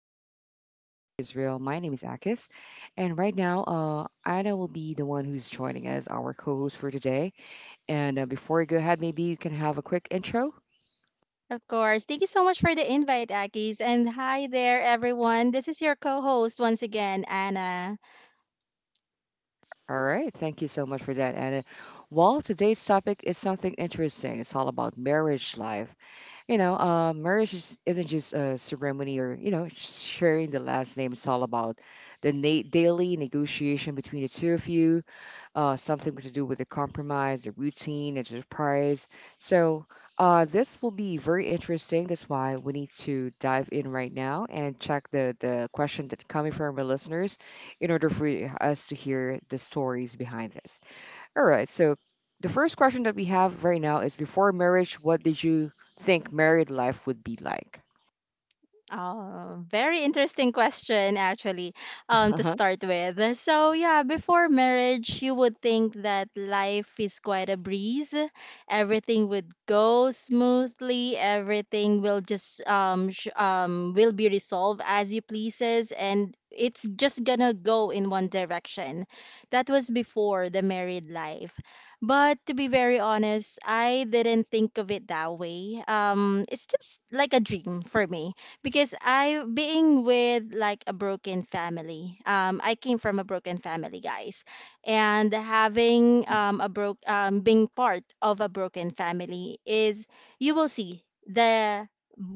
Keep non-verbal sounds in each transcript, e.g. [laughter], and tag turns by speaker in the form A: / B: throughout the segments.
A: vibe stay smooth and everything is real. My name is Akis, and right now, Anna will be the one who's joining as our co-host for today. And before we go ahead, maybe you can have a quick intro.
B: Of course. Thank you so much for the invite, Akis. And hi there, everyone. This is your co host once again, Anna.
A: All right, thank you so much for that, Anna. Well, today's topic is something interesting. It's all about marriage life. You know, marriage isn't just a ceremony or you know sharing the last name. It's all about the daily negotiation between the two of you, something to do with the compromise, the routine, and surprise. So this will be very interesting. That's why we need to dive in right now and check the question that coming from our listeners in order for us to hear the stories behind this. All right, so. The first question that we have right now is, before marriage, what did you think married life would be like?
B: Oh, very interesting question, actually, to
A: Uh-huh.
B: start with. So, yeah, before marriage, you would think that life is quite a breeze. Everything would go smoothly. Everything will just sh will be resolved as you pleases, and it's just gonna go in one direction. That was before the married life. But to be very honest, I didn't think of it that way. It's just like a dream for me because I being with like a broken family. I came from a broken family, guys, and having a broke being part of a broken family is you will see the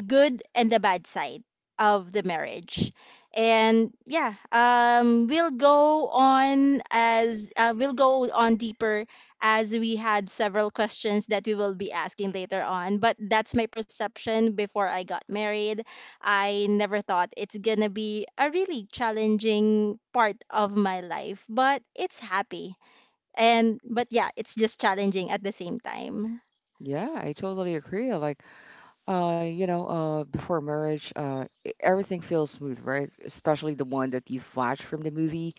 B: good and the bad side of the marriage. And yeah, we'll go on as we'll go on deeper as we had several questions that we will be asking later on. But that's my perception before I got married. I never thought it's gonna be a really challenging part of my life, but it's happy. And but yeah, it's just challenging at the same time.
A: Yeah, I totally agree. Like, you know, before marriage, everything feels smooth, right? Especially the one that you've watched from the movie,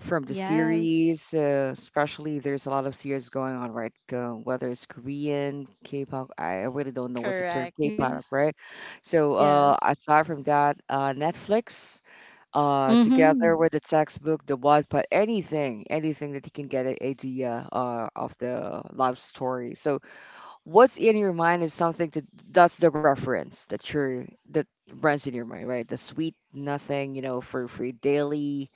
A: from the series.
B: Yes.
A: Especially there's a lot of series going on, right? Whether it's Korean, K-pop, I really don't know what's the term,
B: Correct. Yeah.
A: K-pop, right? So,
B: Yes.
A: aside from that, Netflix,
B: Mm-hmm.
A: together with the textbook, the Wattpad, anything, anything that you can get an idea, of the love story. So what's in your mind is something to, that's the reference that you're that runs in your mind, right? The sweet nothing, you know, for daily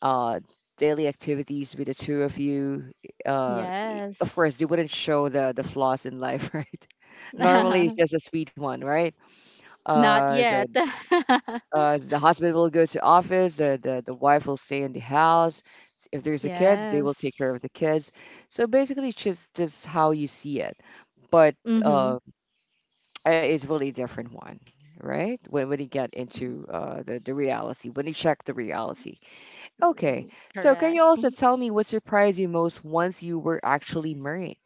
A: uh daily activities with the two of you. Of course they
B: Yes.
A: wouldn't show the flaws in life [laughs] right? Normally it's
B: [laughs]
A: just a sweet one, right?
B: Not
A: uh
B: yet.
A: the
B: [laughs]
A: uh the husband will go to office, the wife will stay in the house. If there's a kid, they will take care
B: Yes.
A: of the kids. So basically it's just how you see it. But
B: Mm-hmm.
A: uh is really different one, right? When he get into the reality, when he check the reality. Okay, so
B: Correct.
A: can you also tell me what surprised you most once you were actually married?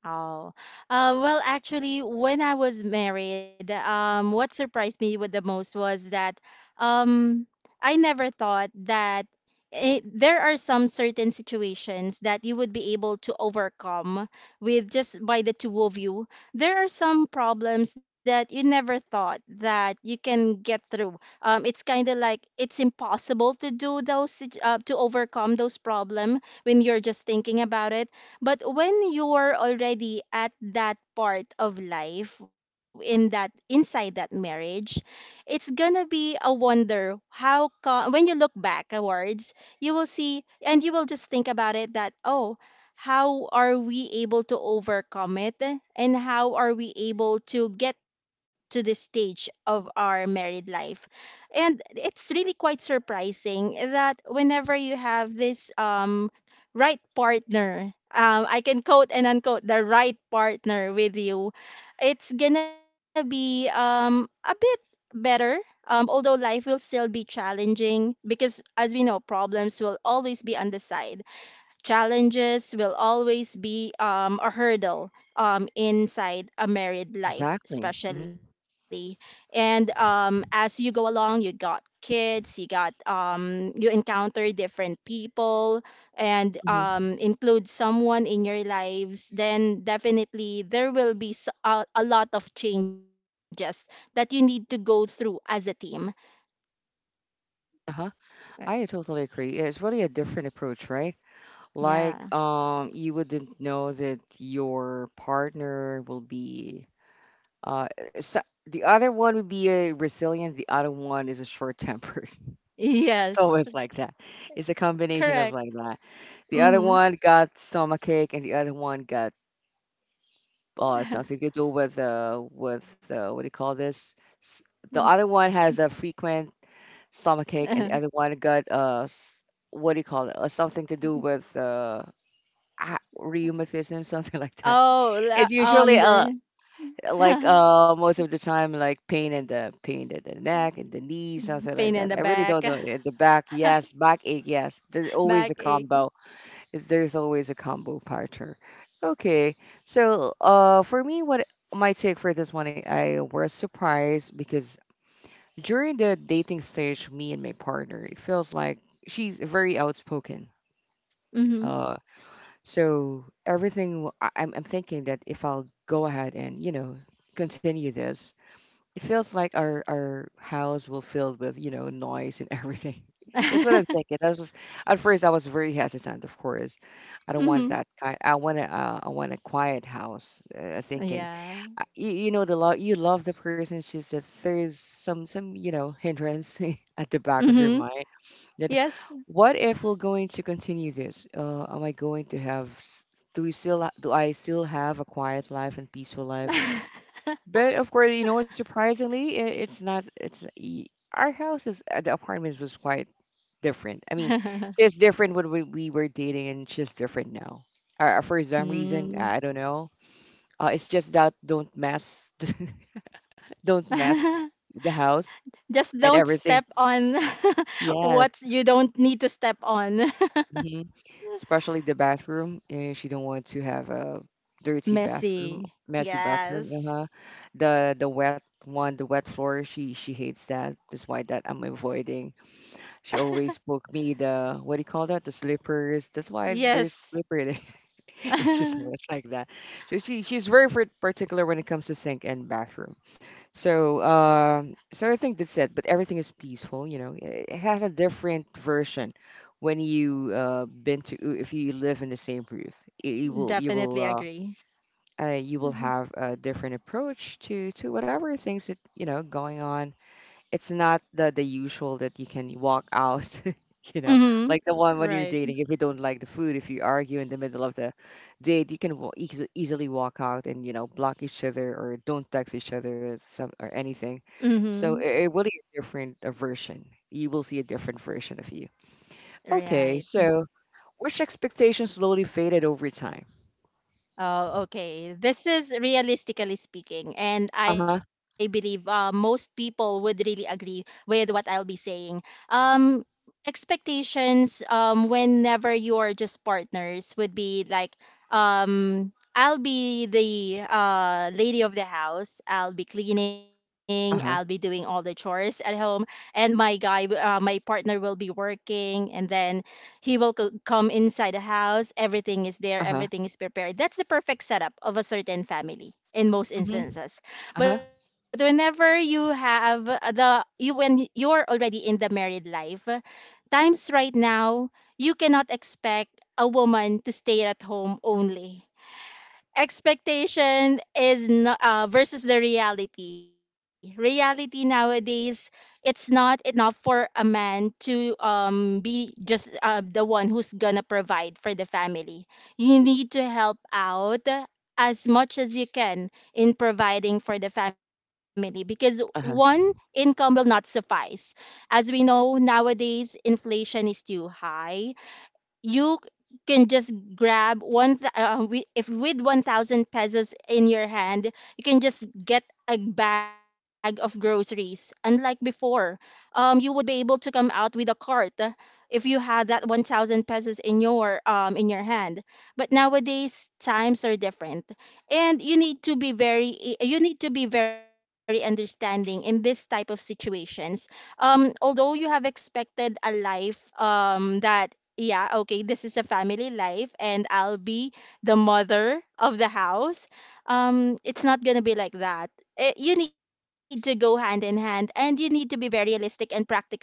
B: Oh, well, actually, when I was married, what surprised me with the most was that um, I never thought that there are some certain situations that you would be able to overcome with just by the two of you. There are some problems that you never thought that you can get through. It's kind of like it's impossible to do to overcome those problem when you're just thinking about it, but when you're already at that part of life in that inside that marriage, it's gonna be a wonder when you look backwards, you will see and you will just think about it that oh, how are we able to overcome it and how are we able to get to this stage of our married life. And it's really quite surprising that whenever you have this right partner. I can quote and unquote the right partner with you. It's gonna be a bit better. Although life will still be challenging because, as we know, problems will always be on the side, challenges will always be a hurdle inside a married life,
A: Exactly.
B: especially. And as you go along, you got kids, you got you encounter different people, and
A: Hmm
B: include someone in your lives. Then definitely there will be a lot of changes that you need to go through as a team.
A: Uh-huh.
B: Uh,
A: I totally agree. It's really a different approach, right? Like,
B: Yeah.
A: you wouldn't know that your partner will be, uh, so the other one would be a resilient, the other one is a short-tempered. It's
B: [laughs] Yes.
A: always like that. It's a combination of
B: Correct.
A: like that. The other
B: Mm-hmm.
A: one got stomachache, and the other one got something to do with what do you call this? S- The other one has a frequent stomachache, and
B: [laughs]
A: the other one got what do you call it? Something to do with ah, rheumatism, [laughs] something like that.
B: Oh, la
A: It's usually
B: on
A: a,
B: the
A: like
B: [laughs]
A: most of the time like pain in the neck and the knee, something
B: pain
A: like
B: in the
A: that. I really
B: back,
A: don't know, in the back. Yes,
B: [laughs]
A: backache. Yes, there's always a
B: backache.
A: combo. Is There's always a combo partner. Okay, so for me, what my take for this one, I was surprised because during the dating stage, me and my partner, it feels like she's very outspoken.
B: Mhm.
A: Uh so everything I'm thinking that if I'll go ahead and, you know, continue this, it feels like our house will filled with, you know, noise and everything. [laughs] That's what I'm
B: Mhm.
A: thinking. I was just, at first I was very hesitant, of course. I don't want that
B: [laughs]
A: kind. I want a quiet house. Thinking,
B: Yeah.
A: you know, the love, you love the person. It's just that there's some you know hindrance [laughs] at the back of your
B: Mhm.
A: mind. That,
B: Yes.
A: what if we're going to continue this? Am I going to have? Do we still do I still have a quiet life and peaceful life?
B: [laughs]
A: But of course, you know what? Surprisingly, I it's not. Our house is, the apartments was quite different. I mean, she's different when we were dating, and she's different now. For some reason,
B: Mm.
A: I don't know. It's just that don't mess, [laughs] don't
B: [laughs]
A: mess the house
B: Just don't
A: and
B: step
A: everything.
B: on [laughs] what
A: Yes.
B: you don't need to step on. [laughs]
A: Mm-hmm. Especially the bathroom, and she don't want to have a dirty bathroom,
B: Messy.
A: messy bathroom.
B: Yes.
A: Uh-huh. The wet one, the wet floor, she hates that. That's why that I'm avoiding. She always
B: [laughs]
A: book me the, what do you call that? The slippers. That's why there's
B: Yes.
A: slipper there. [laughs] Yeah, she's always
B: [laughs]
A: like that. So she's very particular when it comes to sink and bathroom. So, so I think that's it. But everything is peaceful, you know. It has a different version when you been to, if you live in the same roof. You you will you will
B: Definitely
A: uh,
B: agree.
A: you will
B: Mm-hmm.
A: have a different approach to whatever things that you know going on. It's not the usual that you can walk out, [laughs] you know,
B: Mm-hmm.
A: like the one when you're
B: Right.
A: dating. If you don't like the food, if you argue in the middle of the date, you can easily walk out and you know block each other or don't text each other or some or anything.
B: Mm-hmm.
A: So it really is a different a version. You will see a different version of you. Okay,
B: Right.
A: so which expectations slowly faded over time?
B: Oh, okay. This is realistically speaking, and
A: Uh
B: I
A: huh.
B: believe most people would really agree with what I'll be saying. Um, Expectations whenever you're just partners would be like, I'll be the lady of the house. I'll be cleaning. I'll be
A: Uh
B: doing
A: huh.
B: all the chores at home, and my guy, my partner will be working, and then he will come inside the house. Everything is there.
A: Uh huh.
B: Everything is prepared. That's the perfect setup of a certain family in most
A: Mm-hmm.
B: instances.
A: Uh
B: But
A: huh.
B: whenever you have the you're already in the married life, times right now, you cannot expect a woman to stay at home only. Expectation is not, versus the reality. Reality nowadays, it's not enough for a man to be just the one who's gonna provide for the family. You need to help out as much as you can in providing for the family because one
A: Uh huh.
B: income will not suffice. As we know nowadays, inflation is too high. You can just grab if with 1,000 pesos in your hand, you can just get a bag of groceries, unlike before. You would be able to come out with a cart, if you had that 1,000 pesos in your hand. But nowadays times are different, and you need to be very, you need to be very understanding in this type of situations. Although you have expected a life that yeah, okay, this is a family life and I'll be the mother of the house. It's not gonna be like that. Eh, you need to go hand in hand and you need to be very realistic and practical.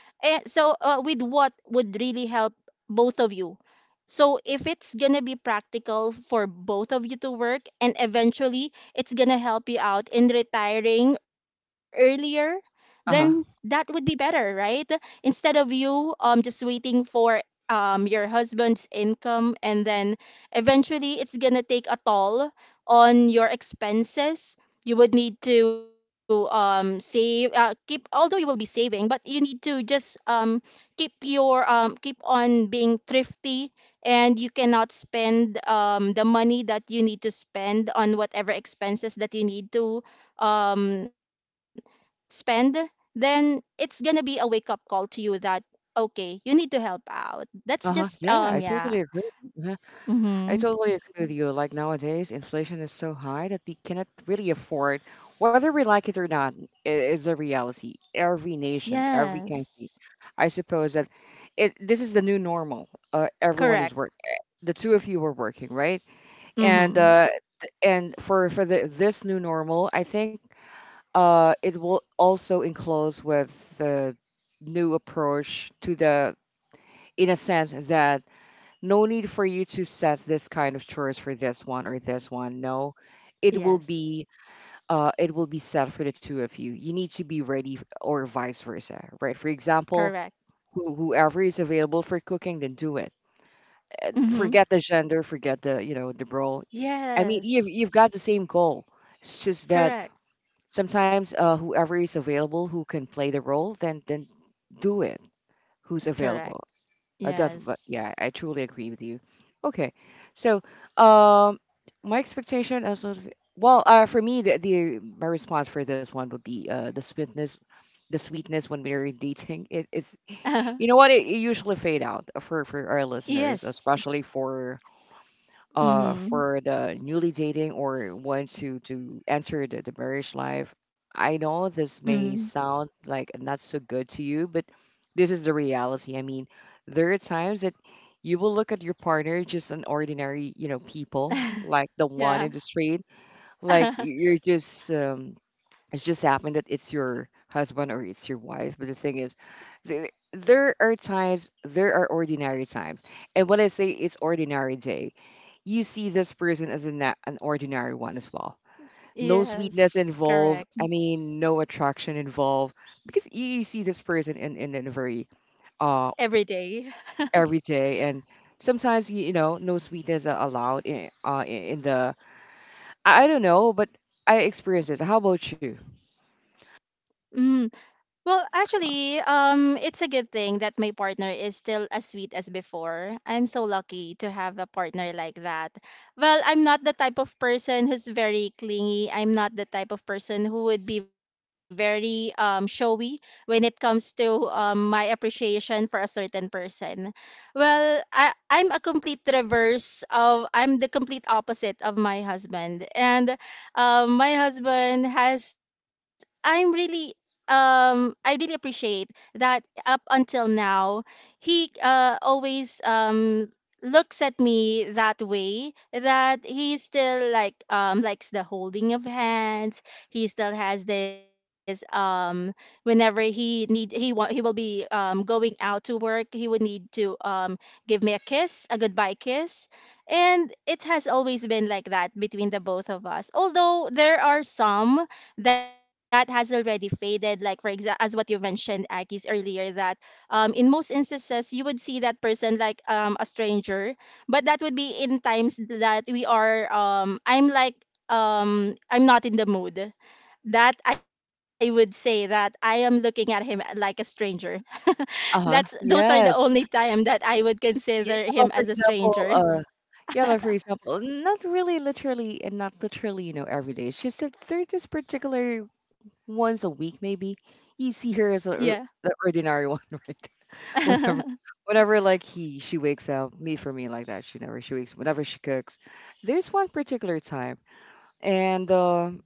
B: Eh, so, with what would really help both of you? So, if it's gonna be practical for both of you to work and eventually it's gonna help you out in retiring earlier, then
A: Uh
B: that
A: huh.
B: would be better, right? Instead of you just waiting for your husband's income, and then eventually it's gonna take a toll on your expenses. You would need to save, keep, although you will be saving, but you need to just keep your keep on being thrifty, and you cannot spend the money that you need to spend on whatever expenses that you need to um, spend. Then it's gonna be a wake up call to you that okay, you need to help out. That's
A: Uh huh.
B: just
A: Yeah, I totally
B: yeah.
A: agree. I
B: Mhm.
A: totally agree with you. Like nowadays, inflation is so high that we cannot really afford, whether we like it or not, is a reality. Every nation, every
B: Yes.
A: country. I suppose that this is the new normal. Everyone is
B: Correct.
A: work. Eh, the two of you were working, right? And
B: Mhm.
A: and for the, this new normal, I think it will also enclose with the new approach to the, in a sense that no need for you to set this kind of chores for this one or this one. No, it will
B: Yes.
A: be it will be set for the two of you. You need to be ready or vice versa, right? For example,
B: Correct.
A: whoever is available for cooking, then do it.
B: Mhm.
A: Forget the gender, forget the you know the role. I mean, you've got
B: Yes.
A: the same goal. It's just that
B: Correct.
A: sometimes whoever is available who can play the role, then do it. Who's
B: Correct.
A: available? It doesn't, but yeah,
B: Yes.
A: I truly agree with you. Okay, so um, my expectation as of, well, for me, the my response for this one would be the sweetness when we're dating. It, it's You know
B: [laughs]
A: what, it usually fade out for our listeners,
B: Yes.
A: especially
B: Mhm.
A: for the newly dating or want to enter the marriage life. I know
B: Mhm.
A: this may sound like not so good to you, but this is the reality. I mean, there are times that you will look at your partner just an ordinary, you know, people
B: [laughs]
A: like the one
B: Yeah.
A: in the street like
B: [laughs]
A: you're just it's just happened that it's your husband or it's your wife. But the thing is, there are times, there are ordinary times, and when I say it's ordinary day, you see this person as an ordinary one as well. No sweetness
B: Yes,
A: involved.
B: correct.
A: I mean, no attraction involved because you see this person in in a very uh
B: Every day.
A: every day, and sometimes you know no sweetness are allowed in in the, I don't know, but I experience it. How about you?
B: Mm. Well, actually, it's a good thing that my partner is still as sweet as before. I'm so lucky to have a partner like that. Well, I'm not the type of person who's very clingy. I'm not the type of person who would be very showy when it comes to my appreciation for a certain person. Well, I'm a complete reverse of, I'm the complete opposite of my husband. And my husband has I'm really I really appreciate that up until now he always looks at me that way that he still like likes the holding of hands. He still has this whenever he need he want, he will be going out to work, he would need to give me a kiss, a goodbye kiss. And it has always been like that between the both of us, although there are some that has already faded, like for example as what you've mentioned, Akis, earlier that in most instances you would see that person like a stranger. But that would be in times that we are I'm like I'm not in the mood, that I would say that I am looking at him like a stranger. [laughs] That's,
A: Uh-huh.
B: those are the only
A: Yes.
B: time that I would consider
A: Yeah,
B: him
A: like,
B: as a
A: for
B: stranger.
A: example, yeah, like, for example, not really literally and not literally, you know, every day. It's just that there are this particular, once a week maybe, you see her
B: Yeah.
A: as a, the ordinary one, [laughs] right? Whenever
B: [laughs]
A: whenever like he she wakes up, me for me like that, she never she wakes whenever she cooks. There's one particular time, and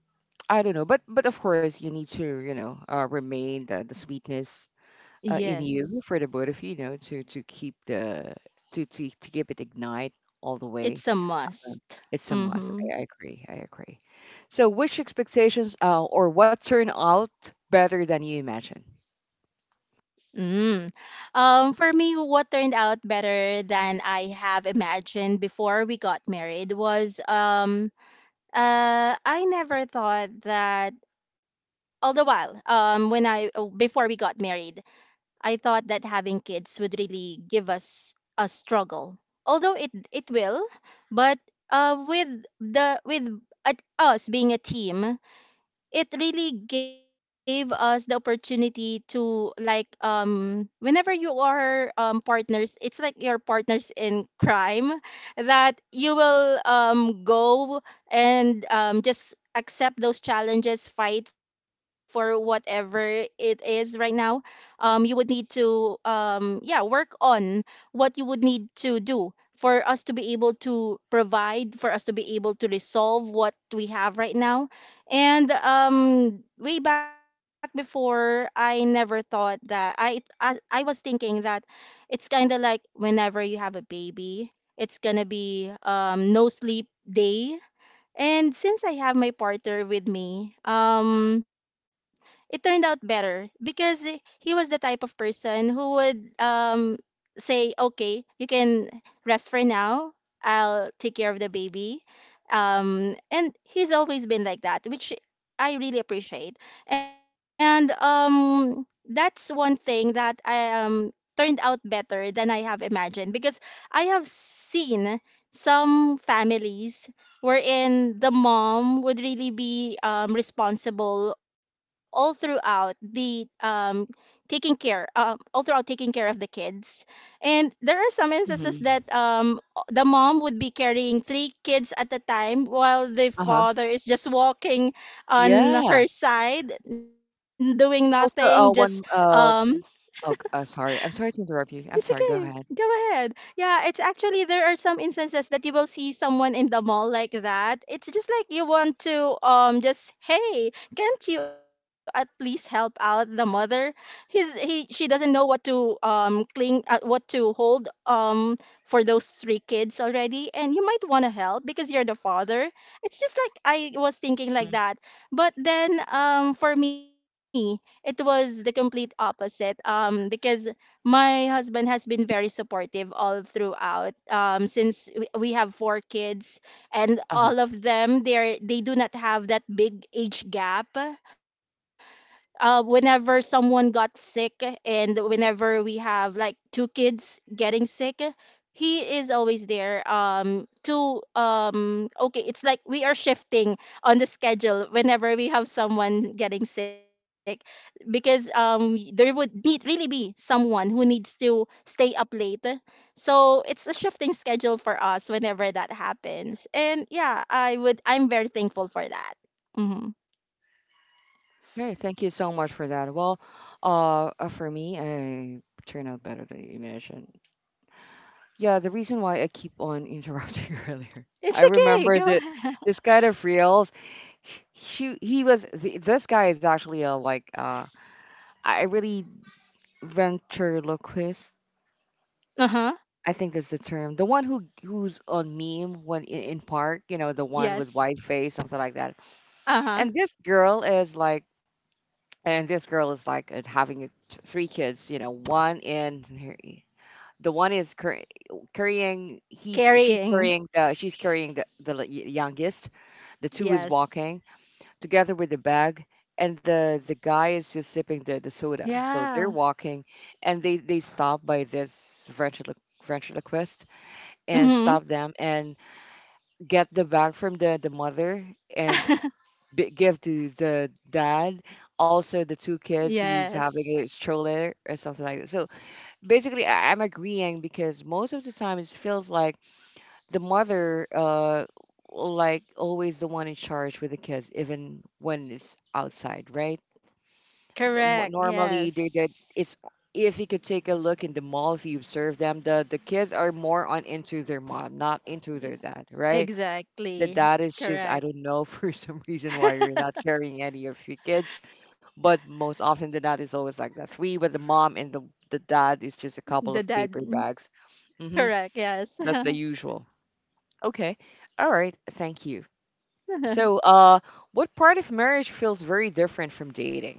A: I don't know, but of course you need to, you know, remain the sweetness in you for the both
B: Yes.
A: of you, you know, to keep the, to keep it ignite all the way.
B: It's a
A: Um,
B: must.
A: It's a must.
B: Mhm.
A: I agree. I agree. So, which expectations or what turned out better than you imagined?
B: Mm. For me, what turned out better than I have imagined before we got married was I never thought that all the while when I before we got married, I thought that having kids would really give us a struggle. Although it will, but with the with at us being a team, it really gave us the opportunity to like whenever you are partners, it's like your partners in crime, that you will go and just accept those challenges, fight for whatever it is right now. You would need to yeah work on what you would need to do for us to be able to provide, for us to be able to resolve what we have right now. And way back before, I never thought that I was thinking that it's kind of like whenever you have a baby, it's gonna be no sleep day. And since I have my partner with me, it turned out better because eh, he was the type of person who would say, okay, you can rest for now. I'll take care of the baby. And he's always been like that, which I really appreciate. And that's one thing that I turned out better than I have imagined, because I have seen some families wherein the mom would really be responsible all throughout the taking care, all throughout taking care of the kids. And there are some instances
A: Hmm
B: that the mom would be carrying three kids at a time while the
A: Uh huh.
B: father is just walking on
A: Yeah.
B: her side, doing nothing, just
A: Also, one.
B: um,
A: Sorry. I'm sorry to interrupt
B: it's
A: you. I'm sorry.
B: okay.
A: Go ahead.
B: Go ahead. Yeah, it's actually there are some instances that you will see someone in the mall like that. It's just like you want to just hey, can't you at least help out the mother? He she doesn't know what to cling what to hold for those three kids already, and you might want to help because you're the father. It's just like I was thinking like
A: Mm.
B: that. But then for me, it was the complete opposite because my husband has been very supportive all throughout, since we have four kids, and
A: Uh-huh.
B: all of them they do not have that big age gap. Whenever someone got sick, and whenever we have like two kids getting sick, he is always there to okay, it's like we are shifting on the schedule whenever we have someone getting sick, because there would be really be someone who needs to stay up late. So it's a shifting schedule for us whenever that happens, and yeah, I'm very thankful for that. Hmm.
A: Okay, thank you so much for that. Well, for me, I turned out better than you imagined. Yeah, the reason why I keep on interrupting [laughs] earlier, I
B: It's okay,
A: remember
B: go
A: that
B: ahead.
A: this kind of reels, he was th this guy is actually a like I really ventriloquist.
B: Uh-huh.
A: I think that's the term. The one who's on meme when in park, you know, the one with
B: Yes.
A: white face, something like that.
B: Uh-huh.
A: And this girl is like, and this girl is like having three kids, you know, one in her. The one is carrying. He's She's
B: Carrying.
A: carrying. She's carrying the youngest. The two is
B: Yes.
A: walking together with the bag, and the guy is just sipping the
B: Yeah.
A: soda. So they're walking, and they stop by this ventriloquist and
B: Mm-hmm.
A: stop them and get the bag from the mother and
B: [laughs]
A: give to the dad. Also, the two kids
B: Yes.
A: who's having a stroller or something like that. So basically I'm agreeing because most of the time it feels like the mother always the one in charge with the kids even when it's outside, right?
B: Correct.
A: Normally
B: Yes.
A: they did it's if you could take a look in the mall, if you observe them, the kids are more on into their mom, not into their dad, right? that
B: Exactly.
A: that is just I
B: Correct.
A: don't know [laughs] for some reason why you're not
B: [laughs]
A: carrying any of your kids, but most often the dad is always like that. Three, but the mom and the dad is just a
B: The
A: couple of
B: dad.
A: paper bags. Mm-hmm.
B: Correct. Yes.
A: That's the usual. Okay. All right. Thank you.
B: [laughs]
A: So, uh, what part of marriage feels very different from dating?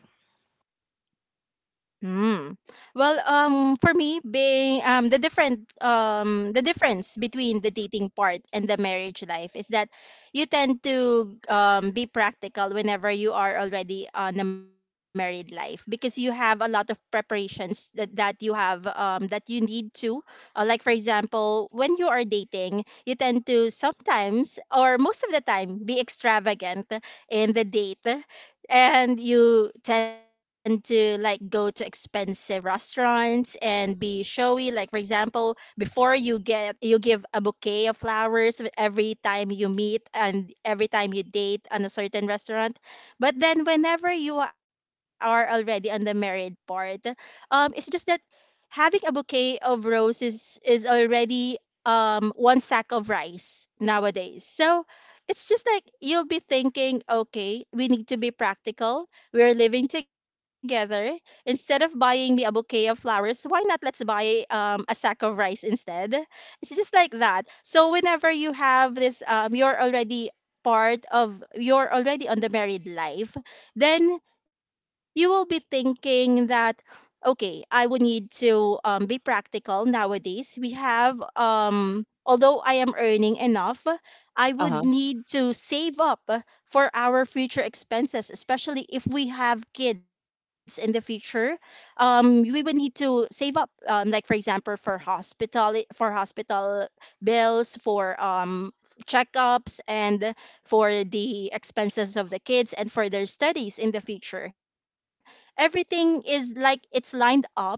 B: Hmm. Well, for me, being the difference between the dating part and the marriage life is that you tend to be practical whenever you are already on a married life, because you have a lot of preparations that you have that you need to. Like for example, when you are dating, you tend to sometimes or most of the time be extravagant in the date, and you tend to like go to expensive restaurants and be showy, like for example, before you give a bouquet of flowers with every time you meet, and every time you date on a certain restaurant. But then whenever you are already on the married part, it's just that having a bouquet of roses is already one sack of rice nowadays. So it's just like you'll be thinking, okay, we need to be practical. We're living together. Instead of buying me a bouquet of flowers, why not let's buy a sack of rice instead? It's just like that. So whenever you have this, you're already on the married life, then you will be thinking that okay, I would need to be practical nowadays. We have, although I am earning enough, I
A: Uh huh.
B: would need to save up for our future expenses, especially if we have kids in the future. We would need to save up, like for example, for hospital bills, for checkups, and for the expenses of the kids, and for their studies in the future. Everything is like it's lined up,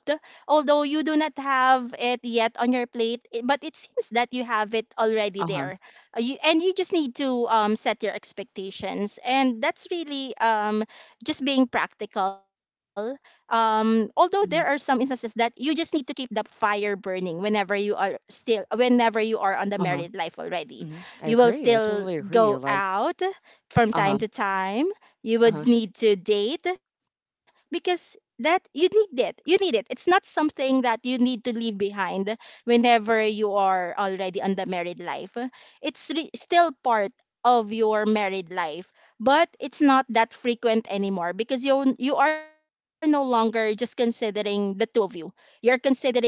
B: although you do not have it yet on your plate, but it seems that you have it already
A: Uh huh.
B: there. And you just need to set your expectations, and that's really just being practical. Although there are some
A: Hmm.
B: instances that you just need to keep the fire burning whenever you are still whenever you are on the
A: Uh huh.
B: married life already,
A: Hmm, I
B: you will
A: agree. I
B: still
A: totally agree. I
B: go
A: like,
B: out from
A: uh huh.
B: time to time. You
A: Uh
B: would
A: huh.
B: need to date, because that you need it, you need it. It's not something that you need to leave behind whenever you are already on the married life. It's still part of your married life, but it's not that frequent anymore, because you are no longer just considering the two of you. You're considering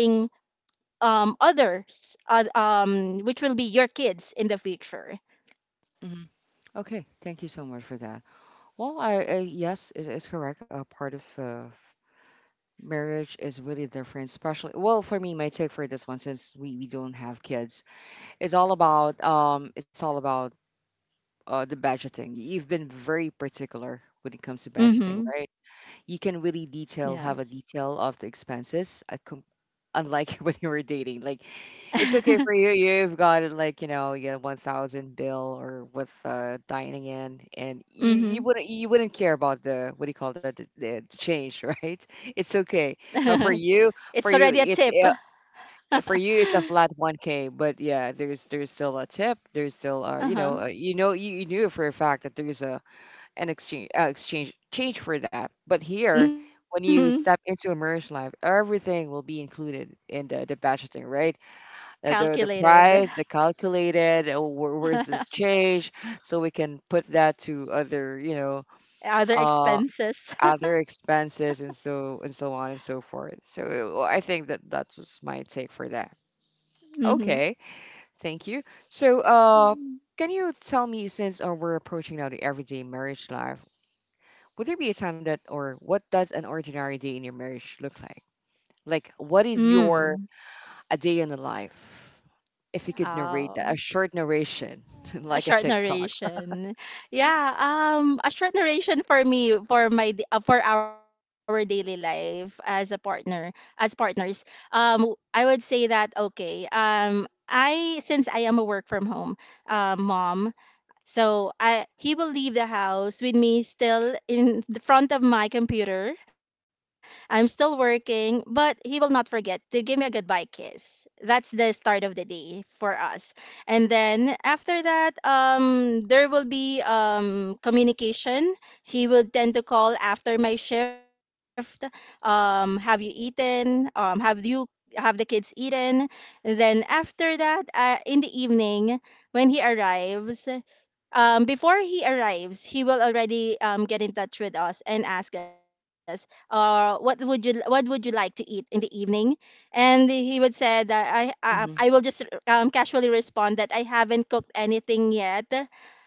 B: others, which will be your kids in the future.
A: Hmm. Okay. Thank you so much for that. Well, I yes, it is correct. Part of marriage is really different, especially well for me. My take for this one, since we don't have kids, it's all about the budgeting. You've been very particular when it comes to budgeting,
B: Mhm.
A: right? You can really
B: Yes.
A: detail, have a detail of the expenses, unlike [laughs] when you were dating. Like it's okay for
B: [laughs]
A: you. You've gotten like, you know, you 1,000 bill or with dining in, and you,
B: Mhm.
A: you wouldn't care about the what do you call that the change, [laughs] right? It's okay.
B: [laughs]
A: Uh, for you,
B: It's already
A: for
B: a
A: you,
B: tip.
A: it's uh,
B: [laughs]
A: for you it's a flat 1K, but yeah, there's still a tip. There's still
B: Uh-huh.
A: you, you knew for a fact that there's a an exchange change for that. But here,
B: Mhm.
A: when you step into a merge life, everything will be included in the budgeting, right? The
B: Calculated.
A: price, the calculated, where, where's this
B: [laughs]
A: change, so we can put that to other, you know,
B: Other
A: uh,
B: expenses. [laughs]
A: other expenses and so on and so forth. So well, I think that that was my take for that.
B: Mhm.
A: Okay, thank you. So, uh, can you tell me since we're approaching now the everyday marriage life, would there be a time that or what does an ordinary day in your marriage look like? Like, what is
B: Mm.
A: your a day in the life. If you could narrate that, a
B: Oh.
A: short narration, [laughs]
B: A
A: like a
B: short
A: TikTok.
B: narration. Yeah, a short narration for me for my for our daily life as a partner, as partners. I would say that okay. I Since I am a work from home mom, so I he will leave the house with me still in the front of my computer. I'm still working, but he will not forget to give me a goodbye kiss. That's the start of the day for us. And then after that, there will be communication. He will tend to call after my shift. Have you eaten? Have the kids eaten? And then after that, in the evening, when he arrives, before he arrives, he will already get in touch with us and ask us, what would you like to eat in the evening? And he would say that
A: Hmm.
B: I will just casually respond that I haven't cooked anything yet.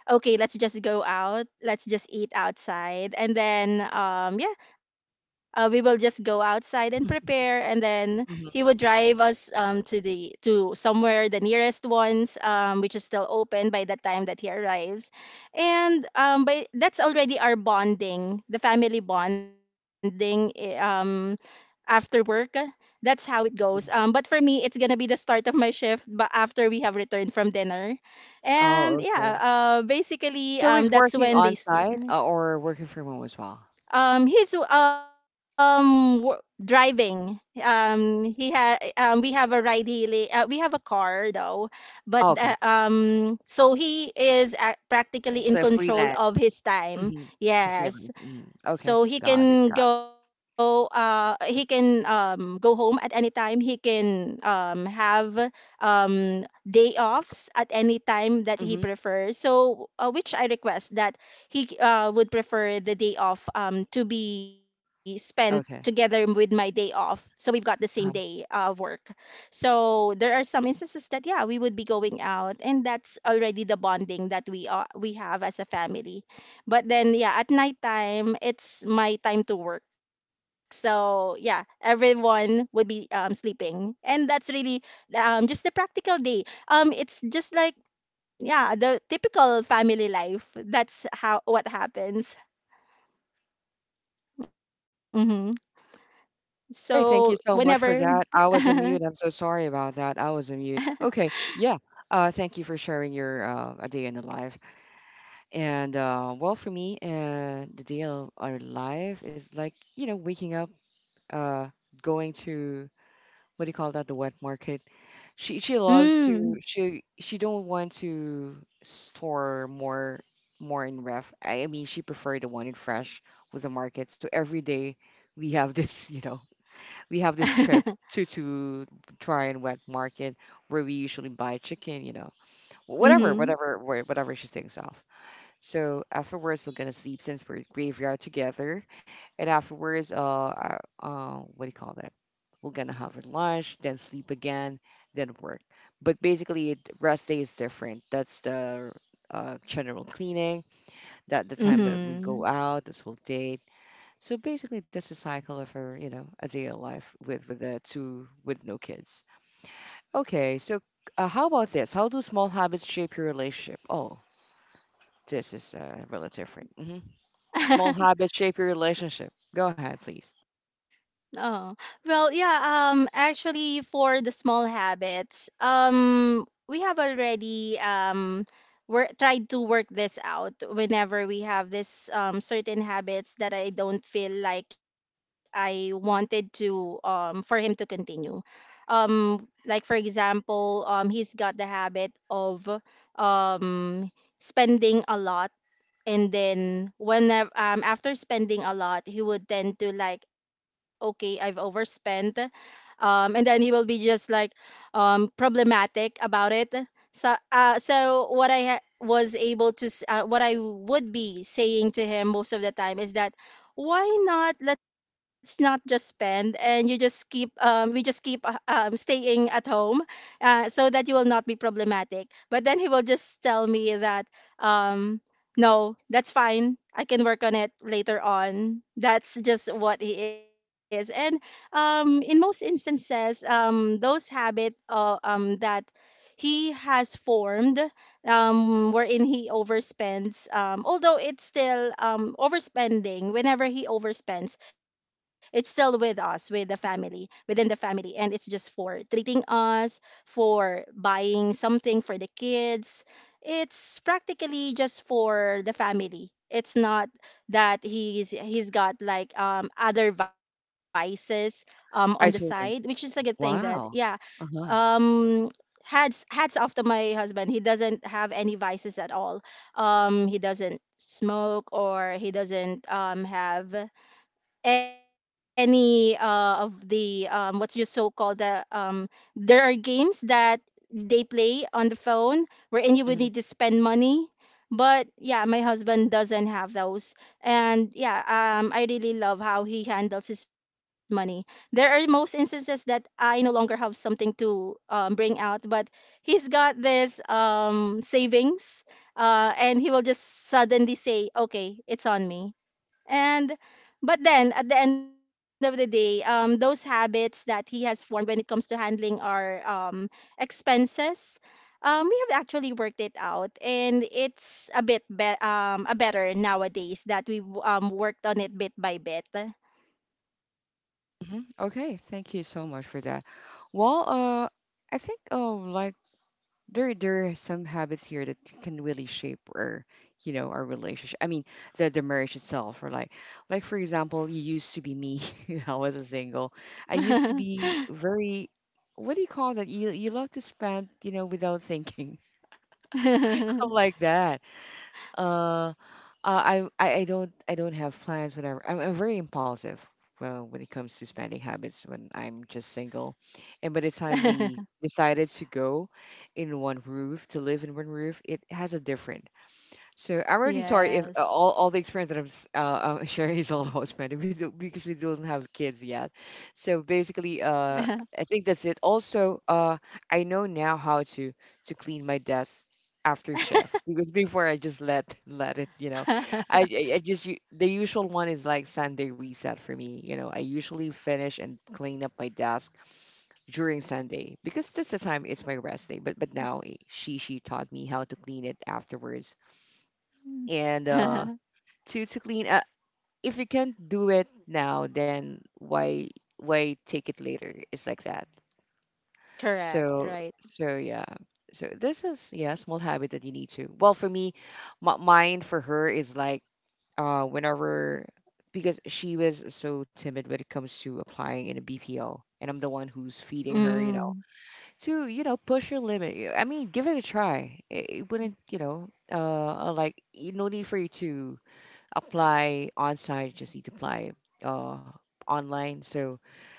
B: Okay, let's just go out. Let's just eat outside, and then yeah, we will just go outside and prepare, and then he would
A: Hmm.
B: drive us to the to somewhere the nearest ones, which is still open by the time that he arrives. And by that's already our bonding, the family bonding, after work. That's how it goes. But for me it's gonna be the start of my shift, but after we have returned from dinner. And
A: Oh,
B: yeah,
A: okay.
B: basically
A: So he's
B: that's
A: working
B: when they
A: on site or working from home as well?
B: he's driving. He ha We have a ride hailing. We have a car though, but
A: Oh, okay.
B: so he is practically
A: It's
B: in
A: a
B: control of
A: freelance.
B: his time.
A: Hmm. It's a
B: Yes,
A: freelance. Hmm. Okay.
B: so he
A: Got it.
B: can
A: Got
B: go, he can go home at any time. He can have day offs at any time that
A: it.
B: he
A: Hmm.
B: prefers. So which I request that he would prefer the day off to be spent together
A: Okay.
B: with my day off. So we've got the same day
A: Uh.
B: of work. So there are some instances that yeah, we would be going out, and that's already the bonding that we have as a family. But then yeah, at nighttime it's my time to work. So yeah, everyone would be sleeping. And that's really just a practical day. It's just like yeah, the typical family life. That's how what happens. Mhm. So
A: Hey, thank you so much
B: whenever
A: for that.
B: [laughs]
A: I was on
B: mm.
A: mute. I'm so sorry about that. I was on mute. Okay. Yeah. Thank you for sharing your a day in the life. And well, for me, the day of our life is like, you know, waking up, uh, going to what do you call that, the wet market. She loves to she don't want to store more in ref. I mean, she prefer the one in fresh with the market. So every day we have this, [laughs] you know, we have this
B: [laughs]
A: trip to try and wet market where we usually buy chicken, you know,
B: Mhm.
A: whatever she thinks of. So afterwards, we're gonna sleep since we're graveyard together, and afterwards, what do you call that? We're gonna have our lunch, then sleep again, then work. But basically, rest day is different. That's the general cleaning. That the time that we go
B: Mhm.
A: out, that's we'll date. So basically, that's the cycle of her, you know, a day of life with the two with no kids. Okay, so how about this? How do small habits shape your relationship? Oh, this is really different. Hmm. Small
B: [laughs]
A: habits shape your relationship. Go ahead, please.
B: Oh, well, yeah, actually for the small habits, we have already work tried to work this out whenever we have this certain habits that I don't feel like I wanted to for him to continue. Like for example, he's got the habit of um spending a lot, and then whenever, after spending a lot, he would tend to like okay, I've overspent, and then he will be just like problematic about it. So what I ha- was able to s- what I would be saying to him most of the time is that why not let's not just spend, and you just keep we just keep staying at home, so that you will not be problematic. But then he will just tell me that um no, that's fine. I can work on it later on. That's just what he is. And in most instances, those habit that he has formed, wherein he overspends, although it's still overspending, whenever he overspends, it's still with us, with the family, within the family. And it's just for treating us, for buying something for the kids. It's practically just for the family. It's not that he's got like other vices on the side,
A: I
B: which is a
A: totally.
B: good thing that yeah.
A: Wow. Uh huh.
B: Um hats off to my husband. He doesn't have any vices at all. He doesn't smoke, or he doesn't have any of the what you so called the, there are games that they play on the phone wherein you would need
A: Hmm.
B: to spend money, but yeah, my husband doesn't have those. And yeah, I really love how he handles his money. There are most instances that I no longer have something to bring out, but he's got this savings, and he will just suddenly say okay, it's on me. And But then at the end of the day, those habits that he has formed when it comes to handling our expenses, we have actually worked it out, and it's a bit a better nowadays that we've worked on it bit by bit.
A: Hmm. Okay. Thank you so much for that. Well, I think oh, like there are some habits here that can really shape our, you know, our relationship. I mean, the marriage itself, or like for example, you used to be me. [laughs] You know, I was a single. I used to be very. What do you call that? You love to spend, you know, without thinking. [laughs] I'm
B: [laughs]
A: like that. Uh, uh, I don't have plans whenever I'm very impulsive. Well, when it comes to spending habits, when I'm just single, and by the time we decided to go in one roof to live in one roof, it has a different. So I'm really sorry if
B: Yes.
A: all the experience that [laughs] sharing is all husband we do, [laughs] because we don't have kids yet. So basically,
B: [laughs]
A: I think that's it. Also, I know now how to clean my desk after shift because before I just let [laughs] let it, you know, I just the usual one is like Sunday reset for me. You know, I usually finish and clean up my desk during Sunday because that's the time it's my rest day. But now eh, she taught me how to clean it afterwards and to clean up if you can't do it now then why take it later it's like that.
B: Correct.
A: So
B: Right.
A: so yeah, so this is yeah small habit that you need to well for me, mine for her is like whenever because she was so timid when it comes to applying in a BPO and I'm the one who's feeding her, you
B: Mm.
A: know, to you know push your limit, I mean give it a try, it wouldn't you know like no need for you to apply on site, you just need to apply uh, online. So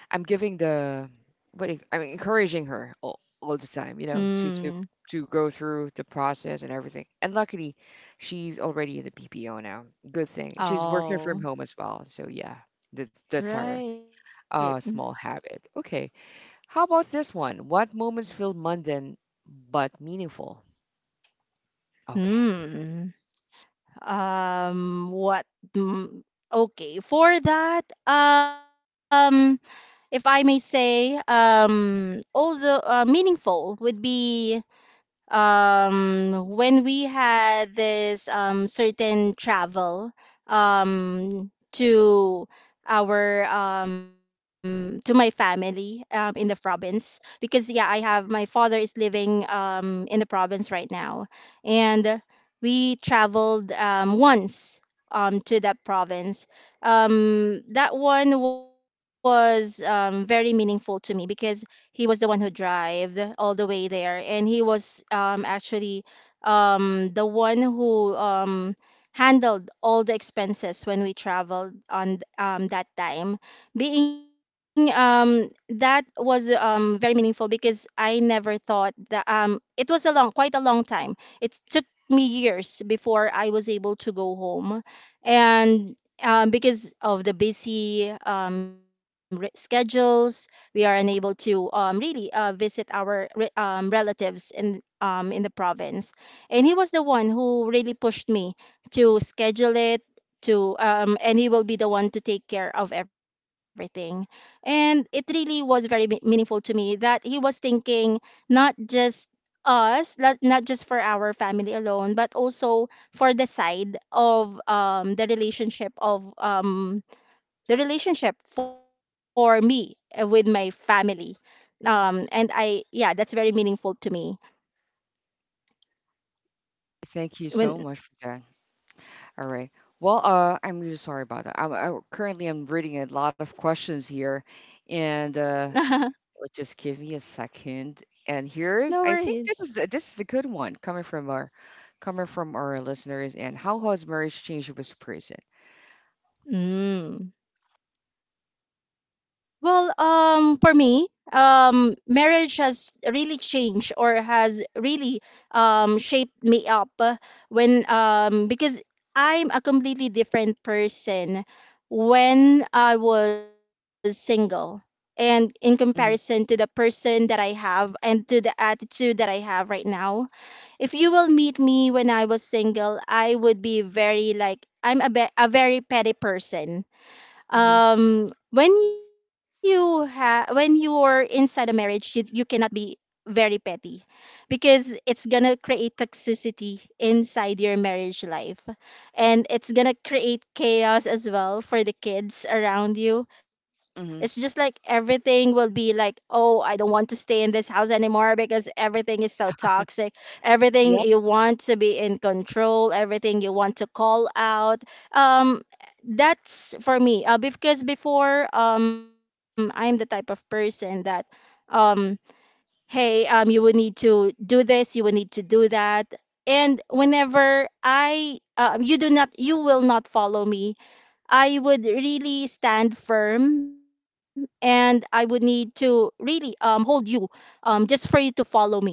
A: I'm giving the, what do you- I'm encouraging her all the time, you know,
B: Mm.
A: to go through the process and everything. And luckily, she's already in the PPO now. Good thing. She's working from
B: Oh.
A: home as well. So yeah, that, that's her
B: Right.
A: small habit. Okay. How about this one? What moments feel mundane but meaningful? Okay.
B: Hmm. What? do- Okay, for that, if I may say, although meaningful would be when we had this certain travel um to to my family in the province, because yeah, I have my father is living in the province right now, and we traveled once to that province. That one was very meaningful to me because he was the one who drove all the way there, and he was actually the one who handled all the expenses when we traveled on that time. Being That was very meaningful because I never thought that it was a long quite a long time. It took me years before I was able to go home. And because of the busy schedules, we are unable to really visit our relatives in the province. And he was the one who really pushed me to schedule it, to and he will be the one to take care of everything. And it really was very meaningful to me that he was thinking not just us not, not just for our family alone, but also for the side of the relationship of the relationship for me with my family. Yeah, that's very meaningful to me.
A: Thank you so much
B: When
A: for that. All right. Well, I'm really sorry about that. I currently I'm reading a lot of questions here, and
B: [laughs] no
A: like, just give me a second. And here's I think this is the, this is a
B: worries.
A: good one coming from our listeners. And how has marriage changed you as a person?
B: Mm. Well, for me, marriage has really shaped me up when because I'm a completely different person when I was single. And in comparison to the
A: Mm-hmm,
B: person that I have and to the attitude that I have right now, if you will meet me when I was single, I would be very like I'm a, a very petty person.
A: mm-hmm,
B: When you ha when you are inside a marriage, you cannot be very petty, because it's gonna create toxicity inside your marriage life, and it's gonna create chaos as well for the kids around you. It's just like,
A: mm-hmm.
B: everything will be like, oh, I don't want to stay in this house anymore because everything is so toxic. Everything
A: Yeah.
B: you want to be in control, everything you want to call out. um that's for me, because before, I'm the type of person that um hey, you would need to do this, you would need to do that. And whenever I you do not, you will not follow me, I would really stand firm, and I would need to really hold you just for you to follow me.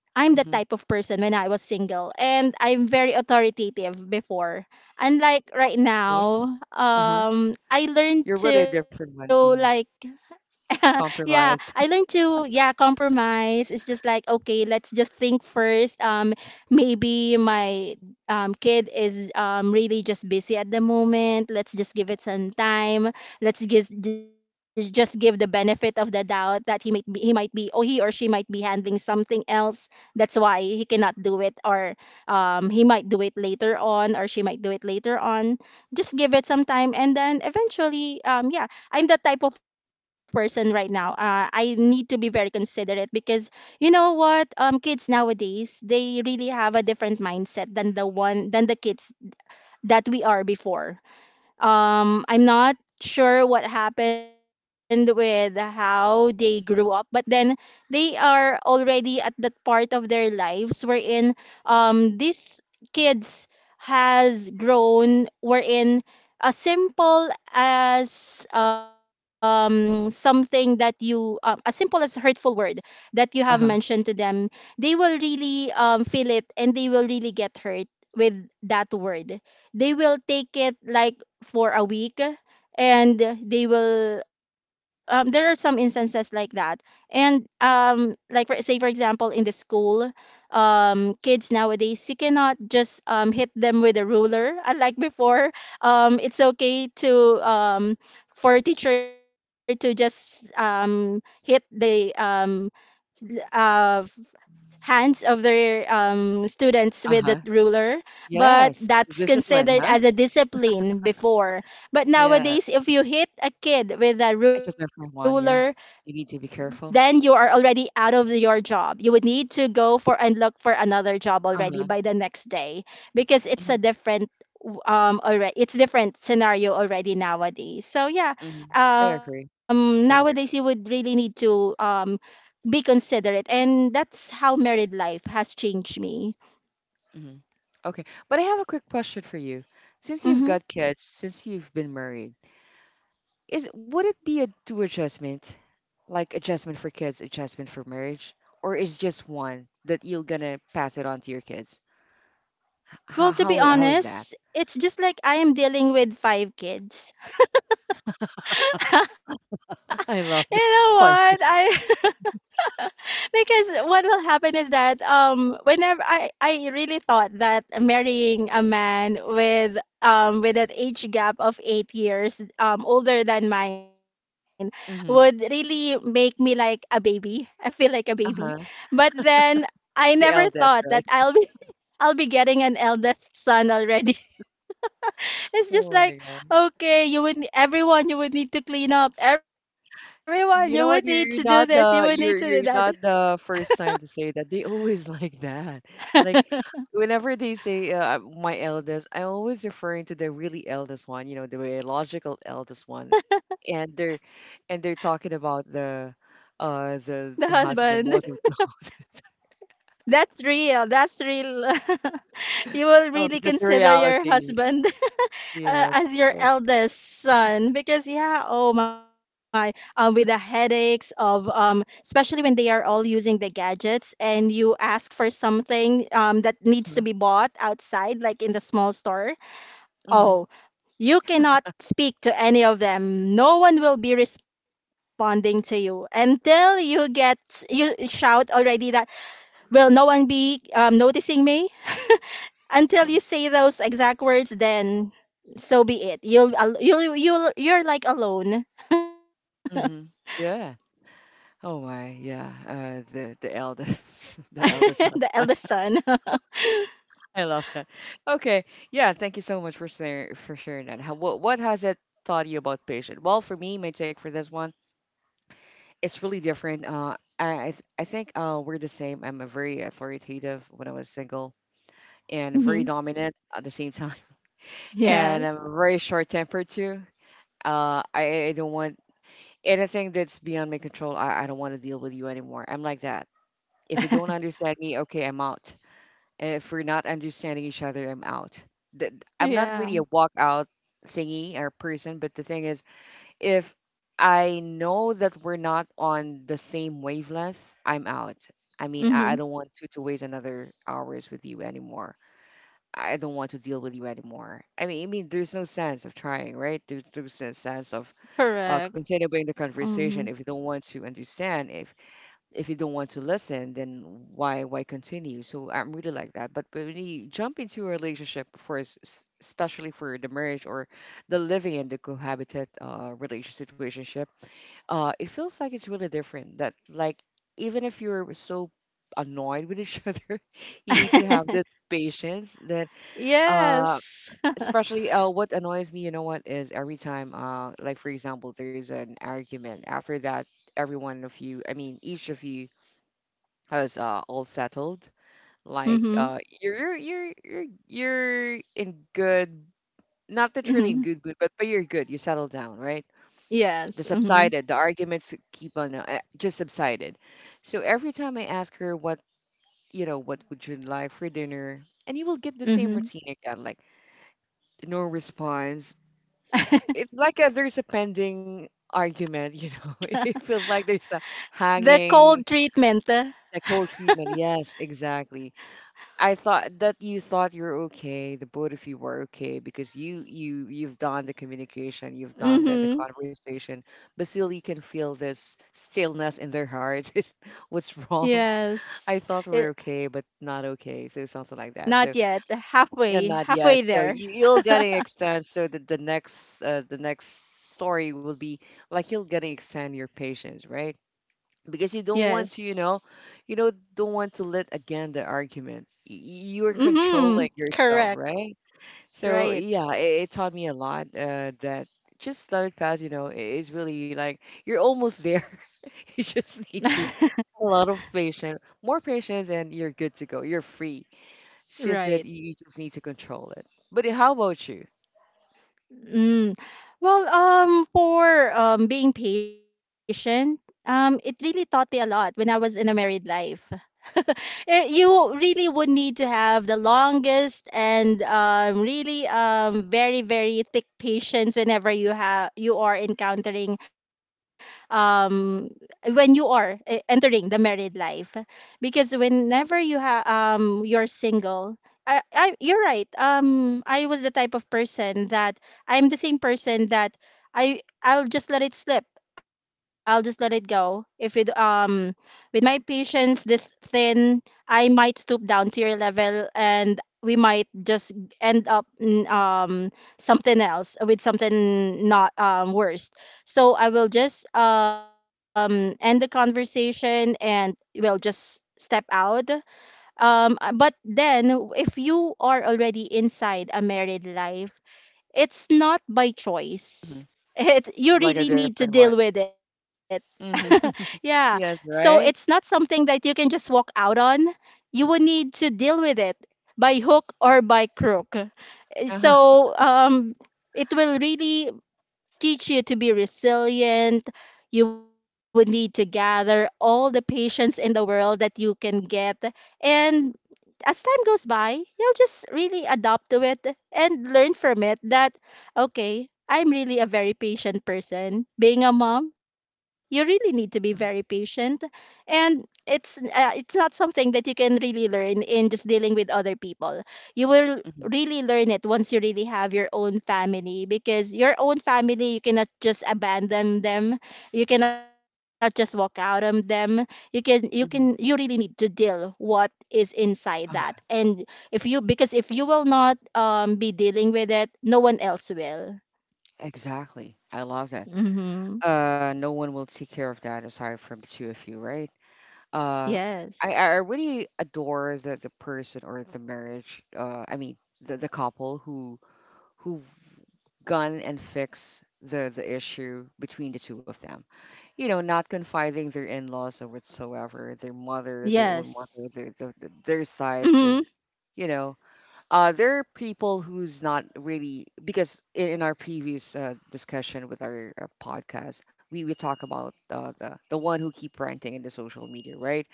B: I'm the
A: Mm-hmm.
B: type of person when I was single, and I'm very authoritative before. Unlike right
A: Okay.
B: now,
A: Uh huh.
B: I learned
A: You're
B: to
A: really a different
B: like
A: one. Mm-hmm.
B: [laughs] yeah, I learned
A: Compromise.
B: to yeah compromise. It's just like, okay, let's just think first. Maybe my kid is really just busy at the moment. Let's just give it some time. Let's just give the benefit of the doubt that he might be, or he or she might be handling something else. That's why he cannot do it, or he might do it later on, or she might do it later on. Just give it some time, and then eventually yeah, I'm the type of person right now. I need to be very considerate because, you know what? Kids nowadays, they really have a different mindset than the one than the kids that we are before. I'm not sure what happened with how they grew up, but then they are already at that part of their lives wherein these kids has grown, wherein as simple as something that you as simple as hurtful word that you have
A: Uh huh.
B: mentioned to them, they will really feel it, and they will really get hurt with that word. They will take it like for a week. And they will there are some instances like that. And like for, say for example, in the school, kids nowadays, you cannot just hit them with a ruler [laughs] unlike before. It's okay to for teacher to just hit the uh hands of their students
A: Uh
B: with the
A: huh.
B: ruler, but
A: Yes.
B: that's
A: Discipline.
B: considered
A: Huh.
B: as a discipline before. But
A: Yes.
B: nowadays, if you hit a kid with a
A: It's a
B: ruler,
A: different one. Yeah. You need to be
B: then you are
A: careful.
B: already out of your job. You would need to go for and look for another job already by
A: Uh
B: the next day, because it's a
A: huh.
B: different already, it's different scenario already nowadays. So yeah,
A: Mhm. I agree.
B: nowadays you would
A: Totally
B: really
A: agree.
B: need to be considerate. And that's how married life has changed me.
A: Hmm. Okay. But I have a quick question for you. Since you've
B: Hmm.
A: got kids, since you've been married, is would it be a two adjustment? Like adjustment for kids, adjustment for marriage? Or is just one that you're gonna pass it on to your kids?
B: Well, to be
A: How is that?
B: honest, it's just like I am dealing with five kids. [laughs] You
A: [laughs]
B: know
A: I love that.
B: what?
A: [laughs]
B: I
A: Fine.
B: [laughs] [laughs] because what will happen is that whenever I really thought that marrying a man with an age gap of 8 years older than mine would really
A: Hmm.
B: make me like a baby. [laughs] I feel like a baby.
A: Uh-huh.
B: But then I
A: The
B: never
A: eldest,
B: thought that
A: right?
B: I'll be [laughs] I'll be getting an eldest son already. [laughs] It's just
A: Oh
B: like,
A: my God.
B: okay, you would everyone, you would need to clean up. Everyone, you would need to
A: You
B: do
A: know what?
B: this. You would
A: You're
B: need to
A: not
B: do
A: the
B: that.
A: you're not the first time to say that. They [laughs] always like that. Like whenever they say my eldest, I always referring to the really eldest one. You know, the biological eldest one, and they're and they're talking about the
B: The
A: the
B: husband. [laughs]
A: husband most of the [laughs]
B: That's real. That's real. [laughs] You will
A: Oh,
B: really
A: that's the
B: consider your
A: reality.
B: husband [laughs]
A: Yes.
B: as your
A: Oh,
B: eldest son, because yeah, oh my, with the headaches of especially when they are all using the gadgets, and you ask for something that needs to
A: huh.
B: be bought outside, like in the small store.
A: Mhm.
B: Oh, you cannot speak to any of them. No one will be responding to you until you get you shout already that, will no one be noticing me? Until you say those exact words, then so be it. You'll you're like alone,
A: Mm-hmm. Yeah. Oh my. Yeah. The eldest, [laughs]
B: [laughs]
A: the eldest
B: the
A: husband.
B: eldest son.
A: I love that. Okay, yeah, thank you so much for sharing that. How, what has it taught you about patience? Well, for me, my take for this one, it's really different. I think we're the same. I'm a very authoritative when I was single
B: [laughs]
A: and
B: Hmm.
A: very dominant at the same time, [laughs] and I'm
B: Yes.
A: very short tempered too. I don't want anything that's beyond my control. I don't want to deal with you anymore. I'm like that. If you don't
B: [laughs]
A: understand me, okay, I'm out. If we're not understanding each other, I'm out. Th- I'm not really
B: Yeah.
A: a walkout thingy or person, but the thing is, if I know that we're not on the same wavelength, I'm out. I mean,
B: Mm-hmm.
A: I don't want to waste another hours with you anymore. I don't want to deal with you anymore. I mean, there's no sense of trying, right? There's no sense of
B: Correct.
A: continuing
B: Mm-hmm.
A: the conversation if you don't want to understand. If you don't want to listen, then why continue? So I'm really like that. But when you jump into a relationship first, especially for the marriage or the living and the cohabitat relationship situationship, it feels like it's really different. That like even if you're so annoyed with each [laughs] other, you need to have this
B: [laughs]
A: patience that uh
B: Yes. [laughs]
A: especially what annoys me, you know what, is every time like for example there's an argument after that every one of you I mean each of you I all settled. Like
B: Mm-hmm.
A: you're you're in good, not literally in
B: Mm-hmm.
A: good good, but you're good. You settled down, right? The
B: Yes. Mm-hmm.
A: subsided, the arguments keep on just subsided. So every time I ask her what you know, what would you like for dinner, and you will get the same
B: Mm-hmm.
A: routine again, like no response. It's like there's a pending argument. You know, [laughs] it feels like
B: [laughs]
A: there's a
B: The cold
A: hanging,
B: treatment. [laughs]
A: a
B: Mm-hmm.
A: cold treatment. Yes, exactly. I thought that you thought you're okay. The both of you were okay because you you've done the communication, you've done the conversation, but still you can feel this stillness in their heart. [laughs] What's wrong?
B: Yes.
A: I thought we're okay, but not okay. So something like that.
B: Not
A: So
B: yet.
A: yeah,
B: Halfway,
A: not
B: halfway
A: yet. So
B: there.
A: you'll getting
B: [laughs]
A: extend. So the next story will be like you'll getting extend your patience, right? Because you don't want to
B: Yes.
A: you know don't want to let again the argument you're
B: Mm-hmm.
A: controlling yourself,
B: Correct.
A: right? So
B: Right.
A: yeah, it taught me a lot that just let it pass, you know, is really like you're almost there. [laughs] You just need to
B: [laughs]
A: a lot of patience, more patience, and you're good to go, you're free. It's just that
B: Right.
A: you just need to control it. But how about you?
B: Mm. Well, for being patient, it really taught me a lot when I was in a married life. [laughs] Eh, you really would need to have the longest and really very very thick patience whenever you are encountering um, when you are entering the married life, because whenever you're single, I you're right. I was the type of person that I'm the same person that I'll just let it slip. I'll just let it go. If it with my patience this thin, I might stoop down to your level, and we might just end up in, something else with something not worse. So I will just end the conversation and will just step out. But then if you are already inside a married life, it's not by choice.
A: Mhm.
B: [laughs] It you
A: Like a
B: really need
A: different
B: to
A: one.
B: deal with it. [laughs]
A: Hmm.
B: Yeah. So
A: Yes,
B: it's not
A: right.
B: something that you can just walk out on. You would need to deal with it by hook or by crook.
A: Uh-huh.
B: So it will really teach you to be resilient. You would need to gather all the patience in the world that you can get, and as time goes by, you'll just really adapt to it and learn from it that, okay, I'm really a very patient person. Being a mom, you really need to be very
A: Mhm.
B: patient. And it's not something that you can really learn in just dealing with other people. You will
A: Hmm.
B: really learn it once you really have your own family, because your own family, you cannot just abandon them. You cannot just walk out on them. You
A: Mhm.
B: really need to deal what is inside
A: Uh,
B: that. And if you, because if you will not be dealing with it, no one else will.
A: Exactly. I love that.
B: Mm-hmm.
A: No one will take care of that aside from the two of you, right? uh
B: Yes.
A: I really adore the person or the marriage, I mean the couple who who've gone and fixed the issue between the two of them, you know, not confiding their in-laws or whatsoever, their mother, their own mother,
B: Yes.
A: their sides,
B: Mm-hmm.
A: their you know there are people who's not really because in our previous discussion with our podcast, we talk about the one who keep ranting in the social media, right?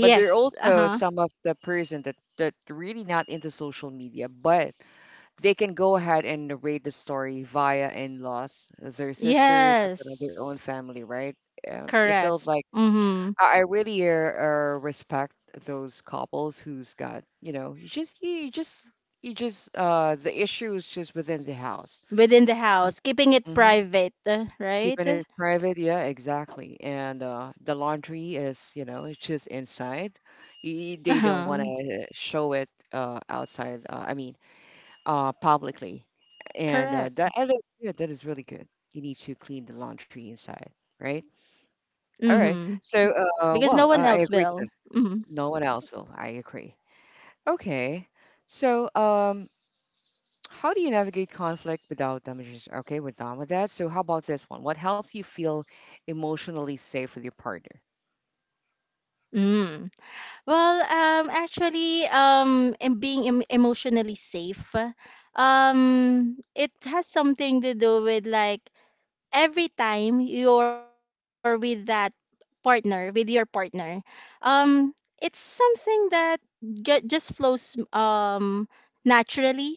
A: But there are
B: Uh-huh.
A: also some of the person that really not into social media, but they can go ahead and narrate the story via in-laws, their sisters, or their own
B: Yes.
A: family, right? It
B: Correct.
A: feels like
B: Mm-hmm.
A: I really respect those couples who's got, you know, you just the issue is just within the house.
B: Within the house, keeping it
A: Hmm.
B: private, right.
A: Keeping it private, yeah, exactly. And the laundry is, you know, it's just inside. They don't want
B: Uh-huh.
A: to show it outside, I mean, publicly. And
B: Correct.
A: that and that- yeah, that is really good. You need to clean the laundry inside, right?
B: Mm-hmm.
A: All right.
B: Because no
A: So,
B: one else will.
A: I agree to that.
B: Mm-hmm.
A: No one else will. I agree. Okay. So, how do you navigate conflict without damages? Okay, we're done with that. So, how about this one? What helps you feel emotionally safe with your partner?
B: Mm. Well, actually, and being emotionally safe, it has something to do with like every time you're with that with your partner, um, it's something that just flows naturally.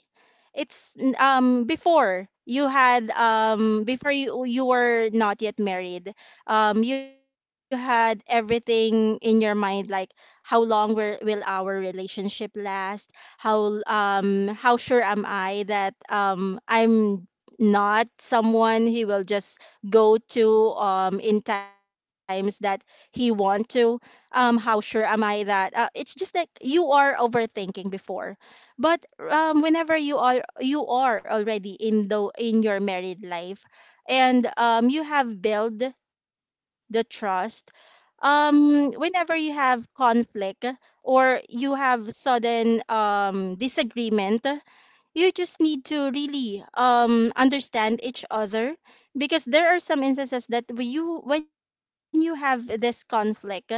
B: Before you had before you were not yet married, you had everything in your mind like, how long will our relationship last? How sure am I that I'm not someone he will just go to in times that he want to how sure am I that it's just like you are overthinking before. But whenever you are already in the in your married life, and you have built the trust, whenever you have conflict or you have sudden disagreement, you just need to really understand each other, because there are some instances that when you have this conflict,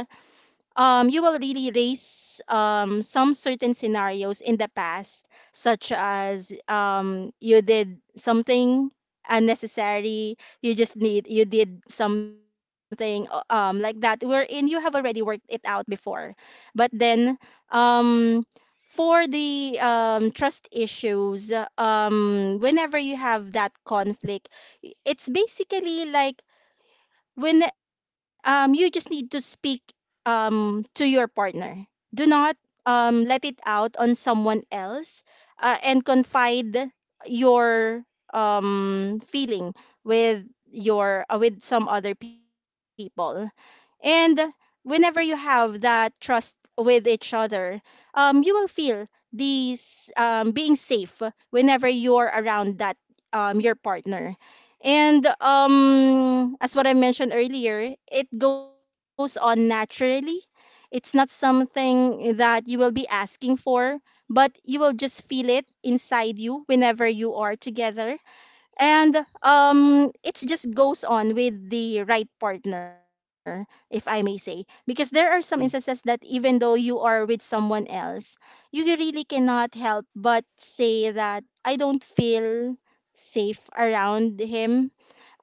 B: you will really raise some certain scenarios in the past, such as you did something unnecessary, you did something like that, wherein you have already worked it out before. But then, um, for the trust issues, whenever you have that conflict, it's basically like when you just need to speak to your partner. Do not let it out on someone else, and confide your feeling with your with some other people. And whenever you have that trust with each other, you will feel these being safe whenever you're around that, your partner. And as what I mentioned earlier, it goes on naturally. It's not something that you will be asking for, but you will just feel it inside you whenever you are together. And it just goes on with the right partner, if I may say, because there are some instances that
A: Mm.
B: even though you are with someone else, you really cannot help but say that I don't feel safe around him.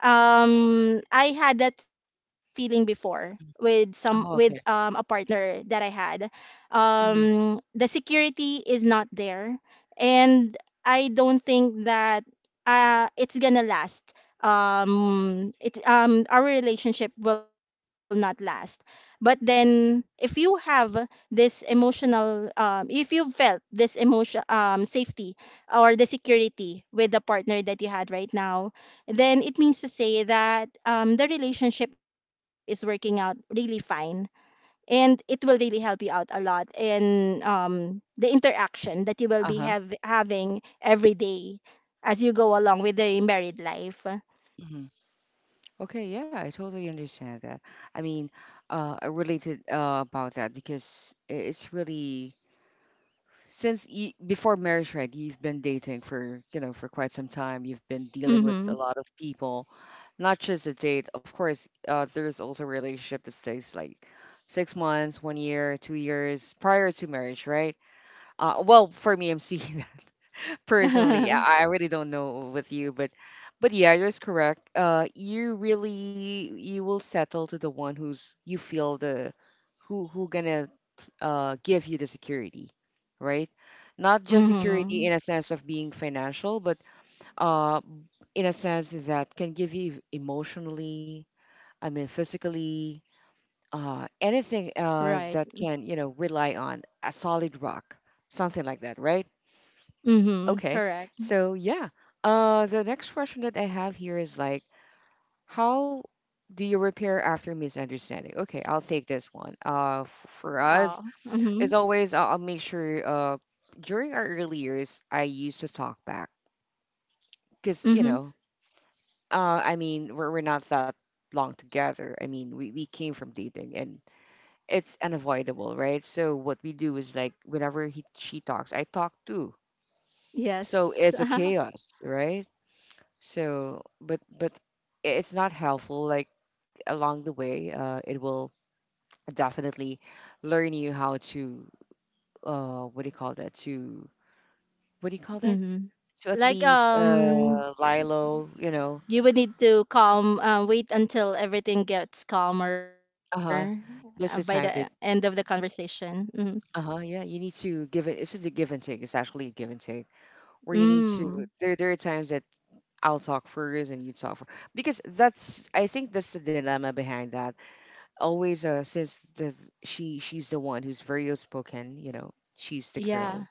B: I had that feeling before with some with
A: Oh,
B: a
A: okay.
B: partner that I had.
A: Hmm.
B: The security is not there. And I don't think that it's gonna last. It's Our relationship will not last. But then, if you have this emotional if you felt this emotion, safety or the security with the partner that you had right now, then it means to say that the relationship is working out really fine. And it will really help you out a lot in the interaction that you will be
A: Uh-huh.
B: having every day as you go along with the married life.
A: Hmm. Okay, yeah, I totally understand that. I mean, I related about that because it's really since you, before marriage, right? You've been dating for you know for quite some time. You've been dealing with a
B: Mm-hmm.
A: lot of people, not just a date. Of course, there's also a relationship that stays like 6 months, 1 year, 2 years prior to marriage, right? Well, for me, I'm [laughs] speaking personally,
B: [laughs]
A: I really don't know with you, but yeah, you're correct. You really you will settle to the one who's you feel the who gonna give you the security, right? Not just security
B: Mm-hmm.
A: in a sense of being financial, but uh, in a sense that can give you emotionally, I mean physically, anything
B: Right.
A: that can you know rely on a solid rock, something like that, right?
B: Mm-hmm.
A: Okay.
B: Correct.
A: So yeah. The next question that I have here is like how do you repair after misunderstanding? Okay, I'll take this one. For
B: Oh.
A: us,
B: Mm-hmm.
A: as always, I'll make sure during our early years I used to talk back, cuz you
B: Mm-hmm.
A: know, I mean, we're not that long together. I mean, we came from dating and it's unavoidable, right? So what we do is like whenever he she talks, I talk too. So
B: Yes.
A: it's a
B: [laughs]
A: chaos, right? So, but it's not helpful. Like along the way, it will definitely learn you how to what do you call that? To what do you call that?
B: Mm-hmm.
A: To at
B: Like,
A: least lie low. You know,
B: you would need to calm. Wait until everything gets calmer,
A: uh huh.
B: by the
A: That's the
B: end of the
A: time that
B: conversation. Mm-hmm.
A: uh huh. Yeah, you need to give it. This is a give and take. It's actually a give and take where you need to.
B: Mm.
A: There are times that I'll talk first and you talk first because that's I think that's the dilemma behind that always says that she's the one who's very outspoken, you know, she's the
B: Yeah.
A: girl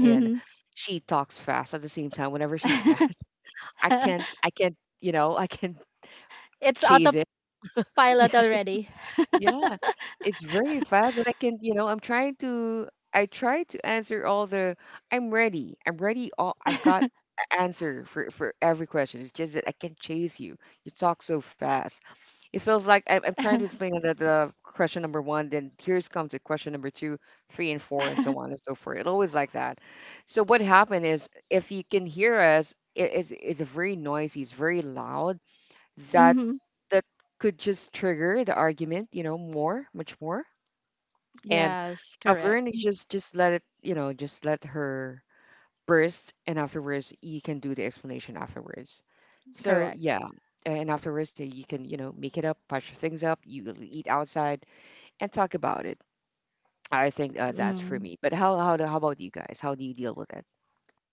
A: and she talks fast at the same time whenever she's mad.
B: [laughs]
A: [laughs] I can't you know I can [laughs]
B: It's
A: chase it.
B: autopilot already.
A: [laughs] Yes. Yeah, it's very fast and I can you know I'm trying to I try to answer all the I'm ready, all I've got a answer for every question, it's just that I can chase you, you talk so fast. It feels like I'm trying to explain the question number one, then here's comes to question number two, three, and four, and so
B: [laughs]
A: on and so forth. It always like that. So what happened is, if you can hear us, it is it's very noisy, it's very loud. That
B: Mhm.
A: that could just trigger the argument, you know, more, much more. And
B: Yes,
A: I've
B: correct.
A: learned to just let it, you know, just let her first and afterwards you can do the explanation afterwards, so
B: Correct.
A: yeah, and afterwards, yeah, you can you know make it up, patch things up, you eat outside and talk about it. I think that's for
B: Mm.
A: me, but how about you guys, how do you deal with it?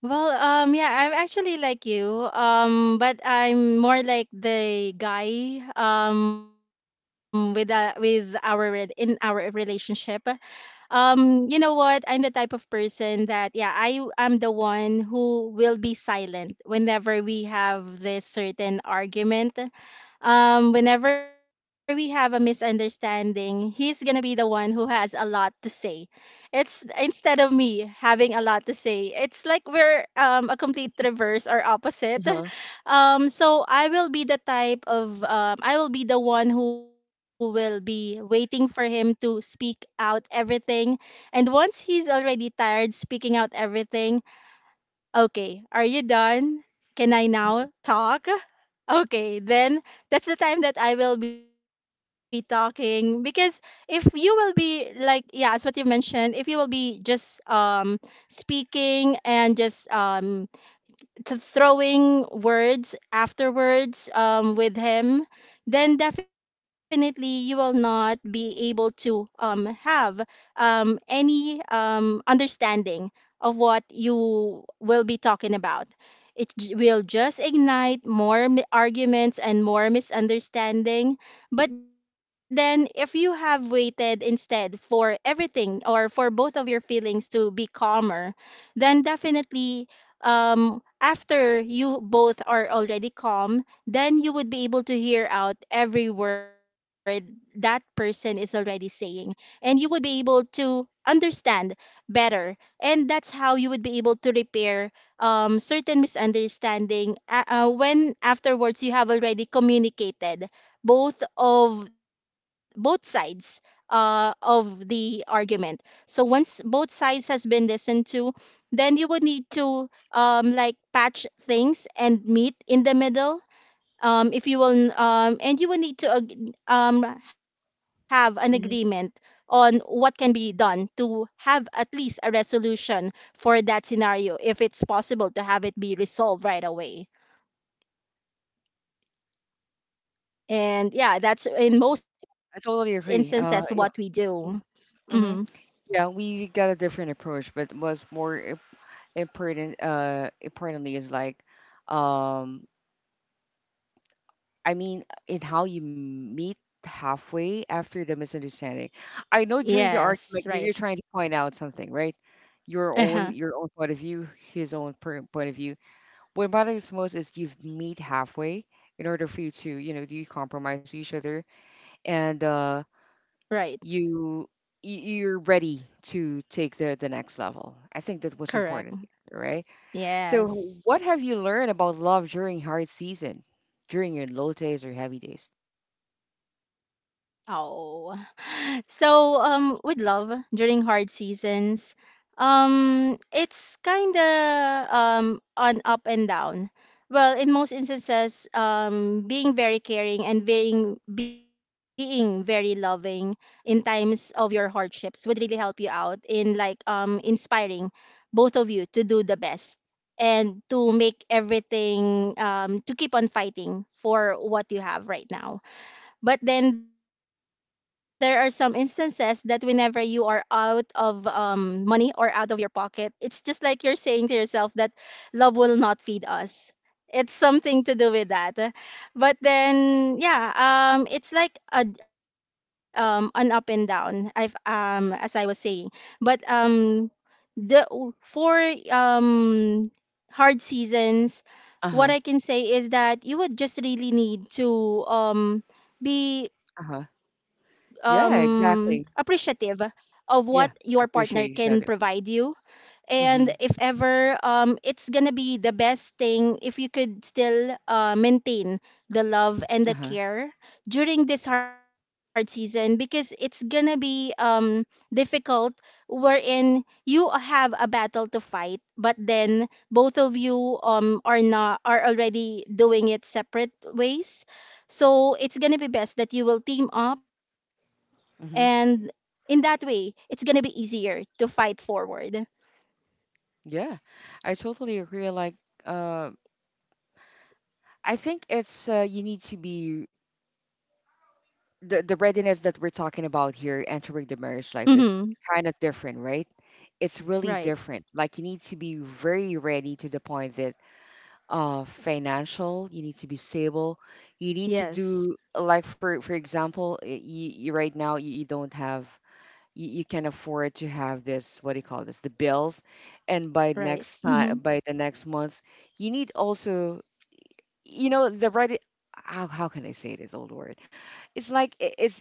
B: Well, yeah, I'm actually like you, but I'm more like the guy, with in our relationship. You know what? I'm the type of person that, yeah, I am the one who will be silent whenever we have this certain argument. Whenever we have a misunderstanding, he's gonna be the one who has a lot to say. It's instead of me having a lot to say. It's like we're, a complete reverse or opposite.
A: Uh-huh.
B: [laughs] So I will be the one who will be waiting for him to speak out everything. And once he's already tired speaking out everything: okay, are you done? Can I now talk? Okay, then that's the time that I will be talking, because if you will be like, yeah, as what you've mentioned, if you will be just speaking and just to throwing words afterwards with him, then definitely you will not be able to have any understanding of what you will be talking about. It will just ignite more arguments and more misunderstanding. But then, if you have waited instead for everything or for both of your feelings to be calmer, then definitely, after you both are already calm, then you would be able to hear out every word that person is already saying. And you would be able to understand better. And that's how you would be able to repair certain misunderstanding, when afterwards you have already communicated both sides of the argument. So once both sides has been listened to, then you would need to like patch things and meet in the middle, if you will, and you will need to have an agreement
A: Hmm.
B: on what can be done to have at least a resolution for that scenario, if it's possible to have it be resolved right away. And yeah, that's in most
A: I
B: instances
A: totally
B: what we
A: agree, uh,
B: do.
A: yeah.
B: Mm-hmm.
A: Hmm. Yeah, we got a different approach, but what's more important, uh, importantly is like um, I mean, in how you meet halfway after the misunderstanding. I know
B: Yes.
A: during the
B: Right.
A: argument you're trying to point out something, right?
B: [laughs] Uh-huh.
A: Your own point of view, his own point of view. What matters most is you meet halfway in order for you to, you know, do you compromise each other and
B: Right.
A: you you're ready to take the next level. I think that was
B: Correct.
A: important, right? So,
B: Yes.
A: what have you learned about love during hard season, during your low days or heavy days?
B: Oh. So, with love during hard seasons, it's kind of, on up and down. Well, in most instances, being very caring and being very loving in times of your hardships would really help you out in like inspiring both of you to do the best and to make everything, to keep on fighting for what you have right now. But then there are some instances that whenever you are out of money or out of your pocket, it's just like you're saying to yourself that love will not feed us. It's something to do with that. But then, yeah, it's like an up and down. I've As I was saying, but the for um hard seasons,
A: Uh
B: what
A: huh.
B: I can say is that you would just really need to um be
A: Uh-huh. Yeah,
B: appreciative
A: exactly.
B: of what your
A: Yeah.
B: partner
A: Appreciate
B: can
A: each other.
B: provide you. And
A: Mm-hmm.
B: if ever, it's gonna be the best thing if you could still maintain the love and the
A: Uh-huh.
B: care during this hard season, because it's gonna be difficult, wherein you have a battle to fight, but then both of you are not are already doing it separate ways. So it's gonna be best that you will team up, and
A: Mm-hmm.
B: in that way it's gonna be easier to fight forward.
A: Yeah. I totally agree. Like, uh, I think it's you need to be the readiness that we're talking about here entering the marriage
B: Mhm.
A: life is kind of different, right? It's really
B: Right.
A: different. Like you need to be very ready to the point that financial, you need to be stable. You need to
B: Yes.
A: do like for example, you right now you don't have you can afford to have this what do you call this the bills and by
B: Right.
A: next time
B: Mhm.
A: by the next month you need also you know the right how can I say this old word, it's like
B: Mhm.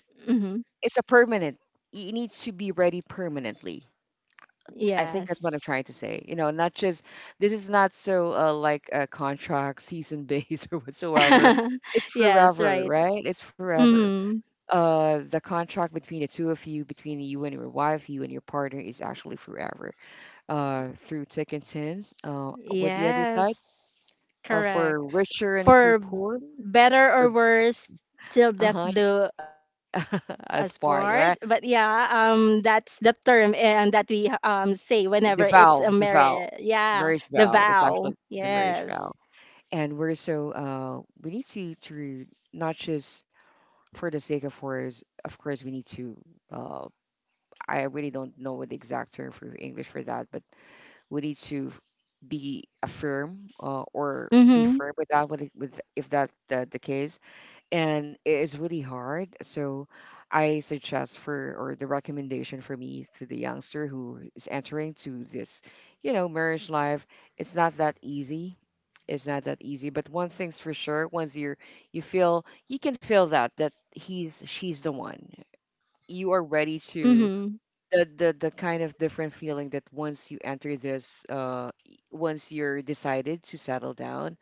A: it's a permanent, you need to be ready permanently. I think that's what I'm
B: Yes.
A: trying to say, you know, not just this is not so like a contract season based [laughs] or whatsoever,
B: [laughs]
A: it's
B: Yes,
A: forever,
B: right.
A: right? It's forever.
B: Mhm.
A: The contract between the two of you, between you and your wife, you and your partner is actually forever, through thick and thin, with the other side,
B: Yes. Correct.
A: for richer and for
B: For
A: poor,
B: better
A: for
B: or worse, till death
A: uh-huh.
B: do us part.
A: [laughs]
B: But
A: As
B: yeah,
A: part, right?
B: that's the term and that we say whenever
A: The
B: it's a
A: vow, the
B: marriage.
A: vow,
B: Yeah,
A: marriage
B: the
A: vow, that's
B: vow.
A: actually the marriage vow.
B: Yes.
A: And we're so we need to not just for the sake of words, of course we need to uh I really don't know what the exact term for English for that, but we need to be a firm or be
B: Mhm.
A: firm with that, with if that the case. And it is really hard, so I suggest for or the recommendation for me to the youngster who is entering to this you know marriage life, it's not that easy, it's not that easy, but one thing's for sure, once you're you feel you can feel that that he's she's the one, you are
B: Mhm.
A: ready to the kind of different feeling that once you enter this once you're decided to settle down,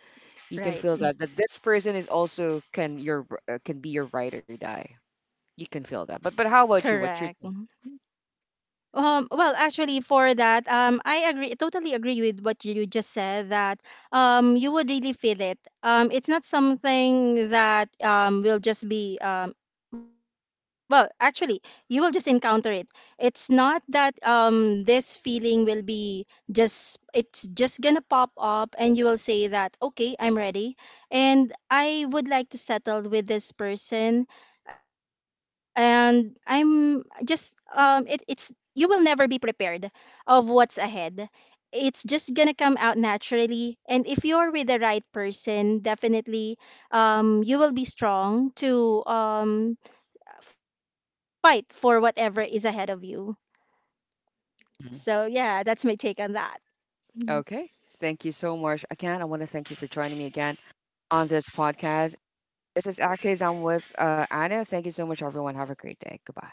A: you can
B: Right.
A: feel that that this person is also can your can be your ride or die. You can feel that,
B: Correct.
A: but how about you, what's your
B: Well, actually, for that, I agree, totally agree with what you just said, that you would really feel it. It's not something that, will just be, well, actually, you will just encounter it. It's not that, this feeling will be it's just gonna pop up and you will say that, okay, I'm ready. And I would like to settle with this person. And I'm just, it, it's you will never be prepared of what's ahead. It's just gonna come out naturally, and if you're with the right person, definitely, you will be strong to fight for whatever is ahead of you.
A: Mhm.
B: So yeah, that's my take on that.
A: Okay,
B: Mhm.
A: thank you so much again, I want to thank you for joining me again on this podcast. This is Akis. I'm with Anna. Thank you so much, everyone. Have a great day. Goodbye.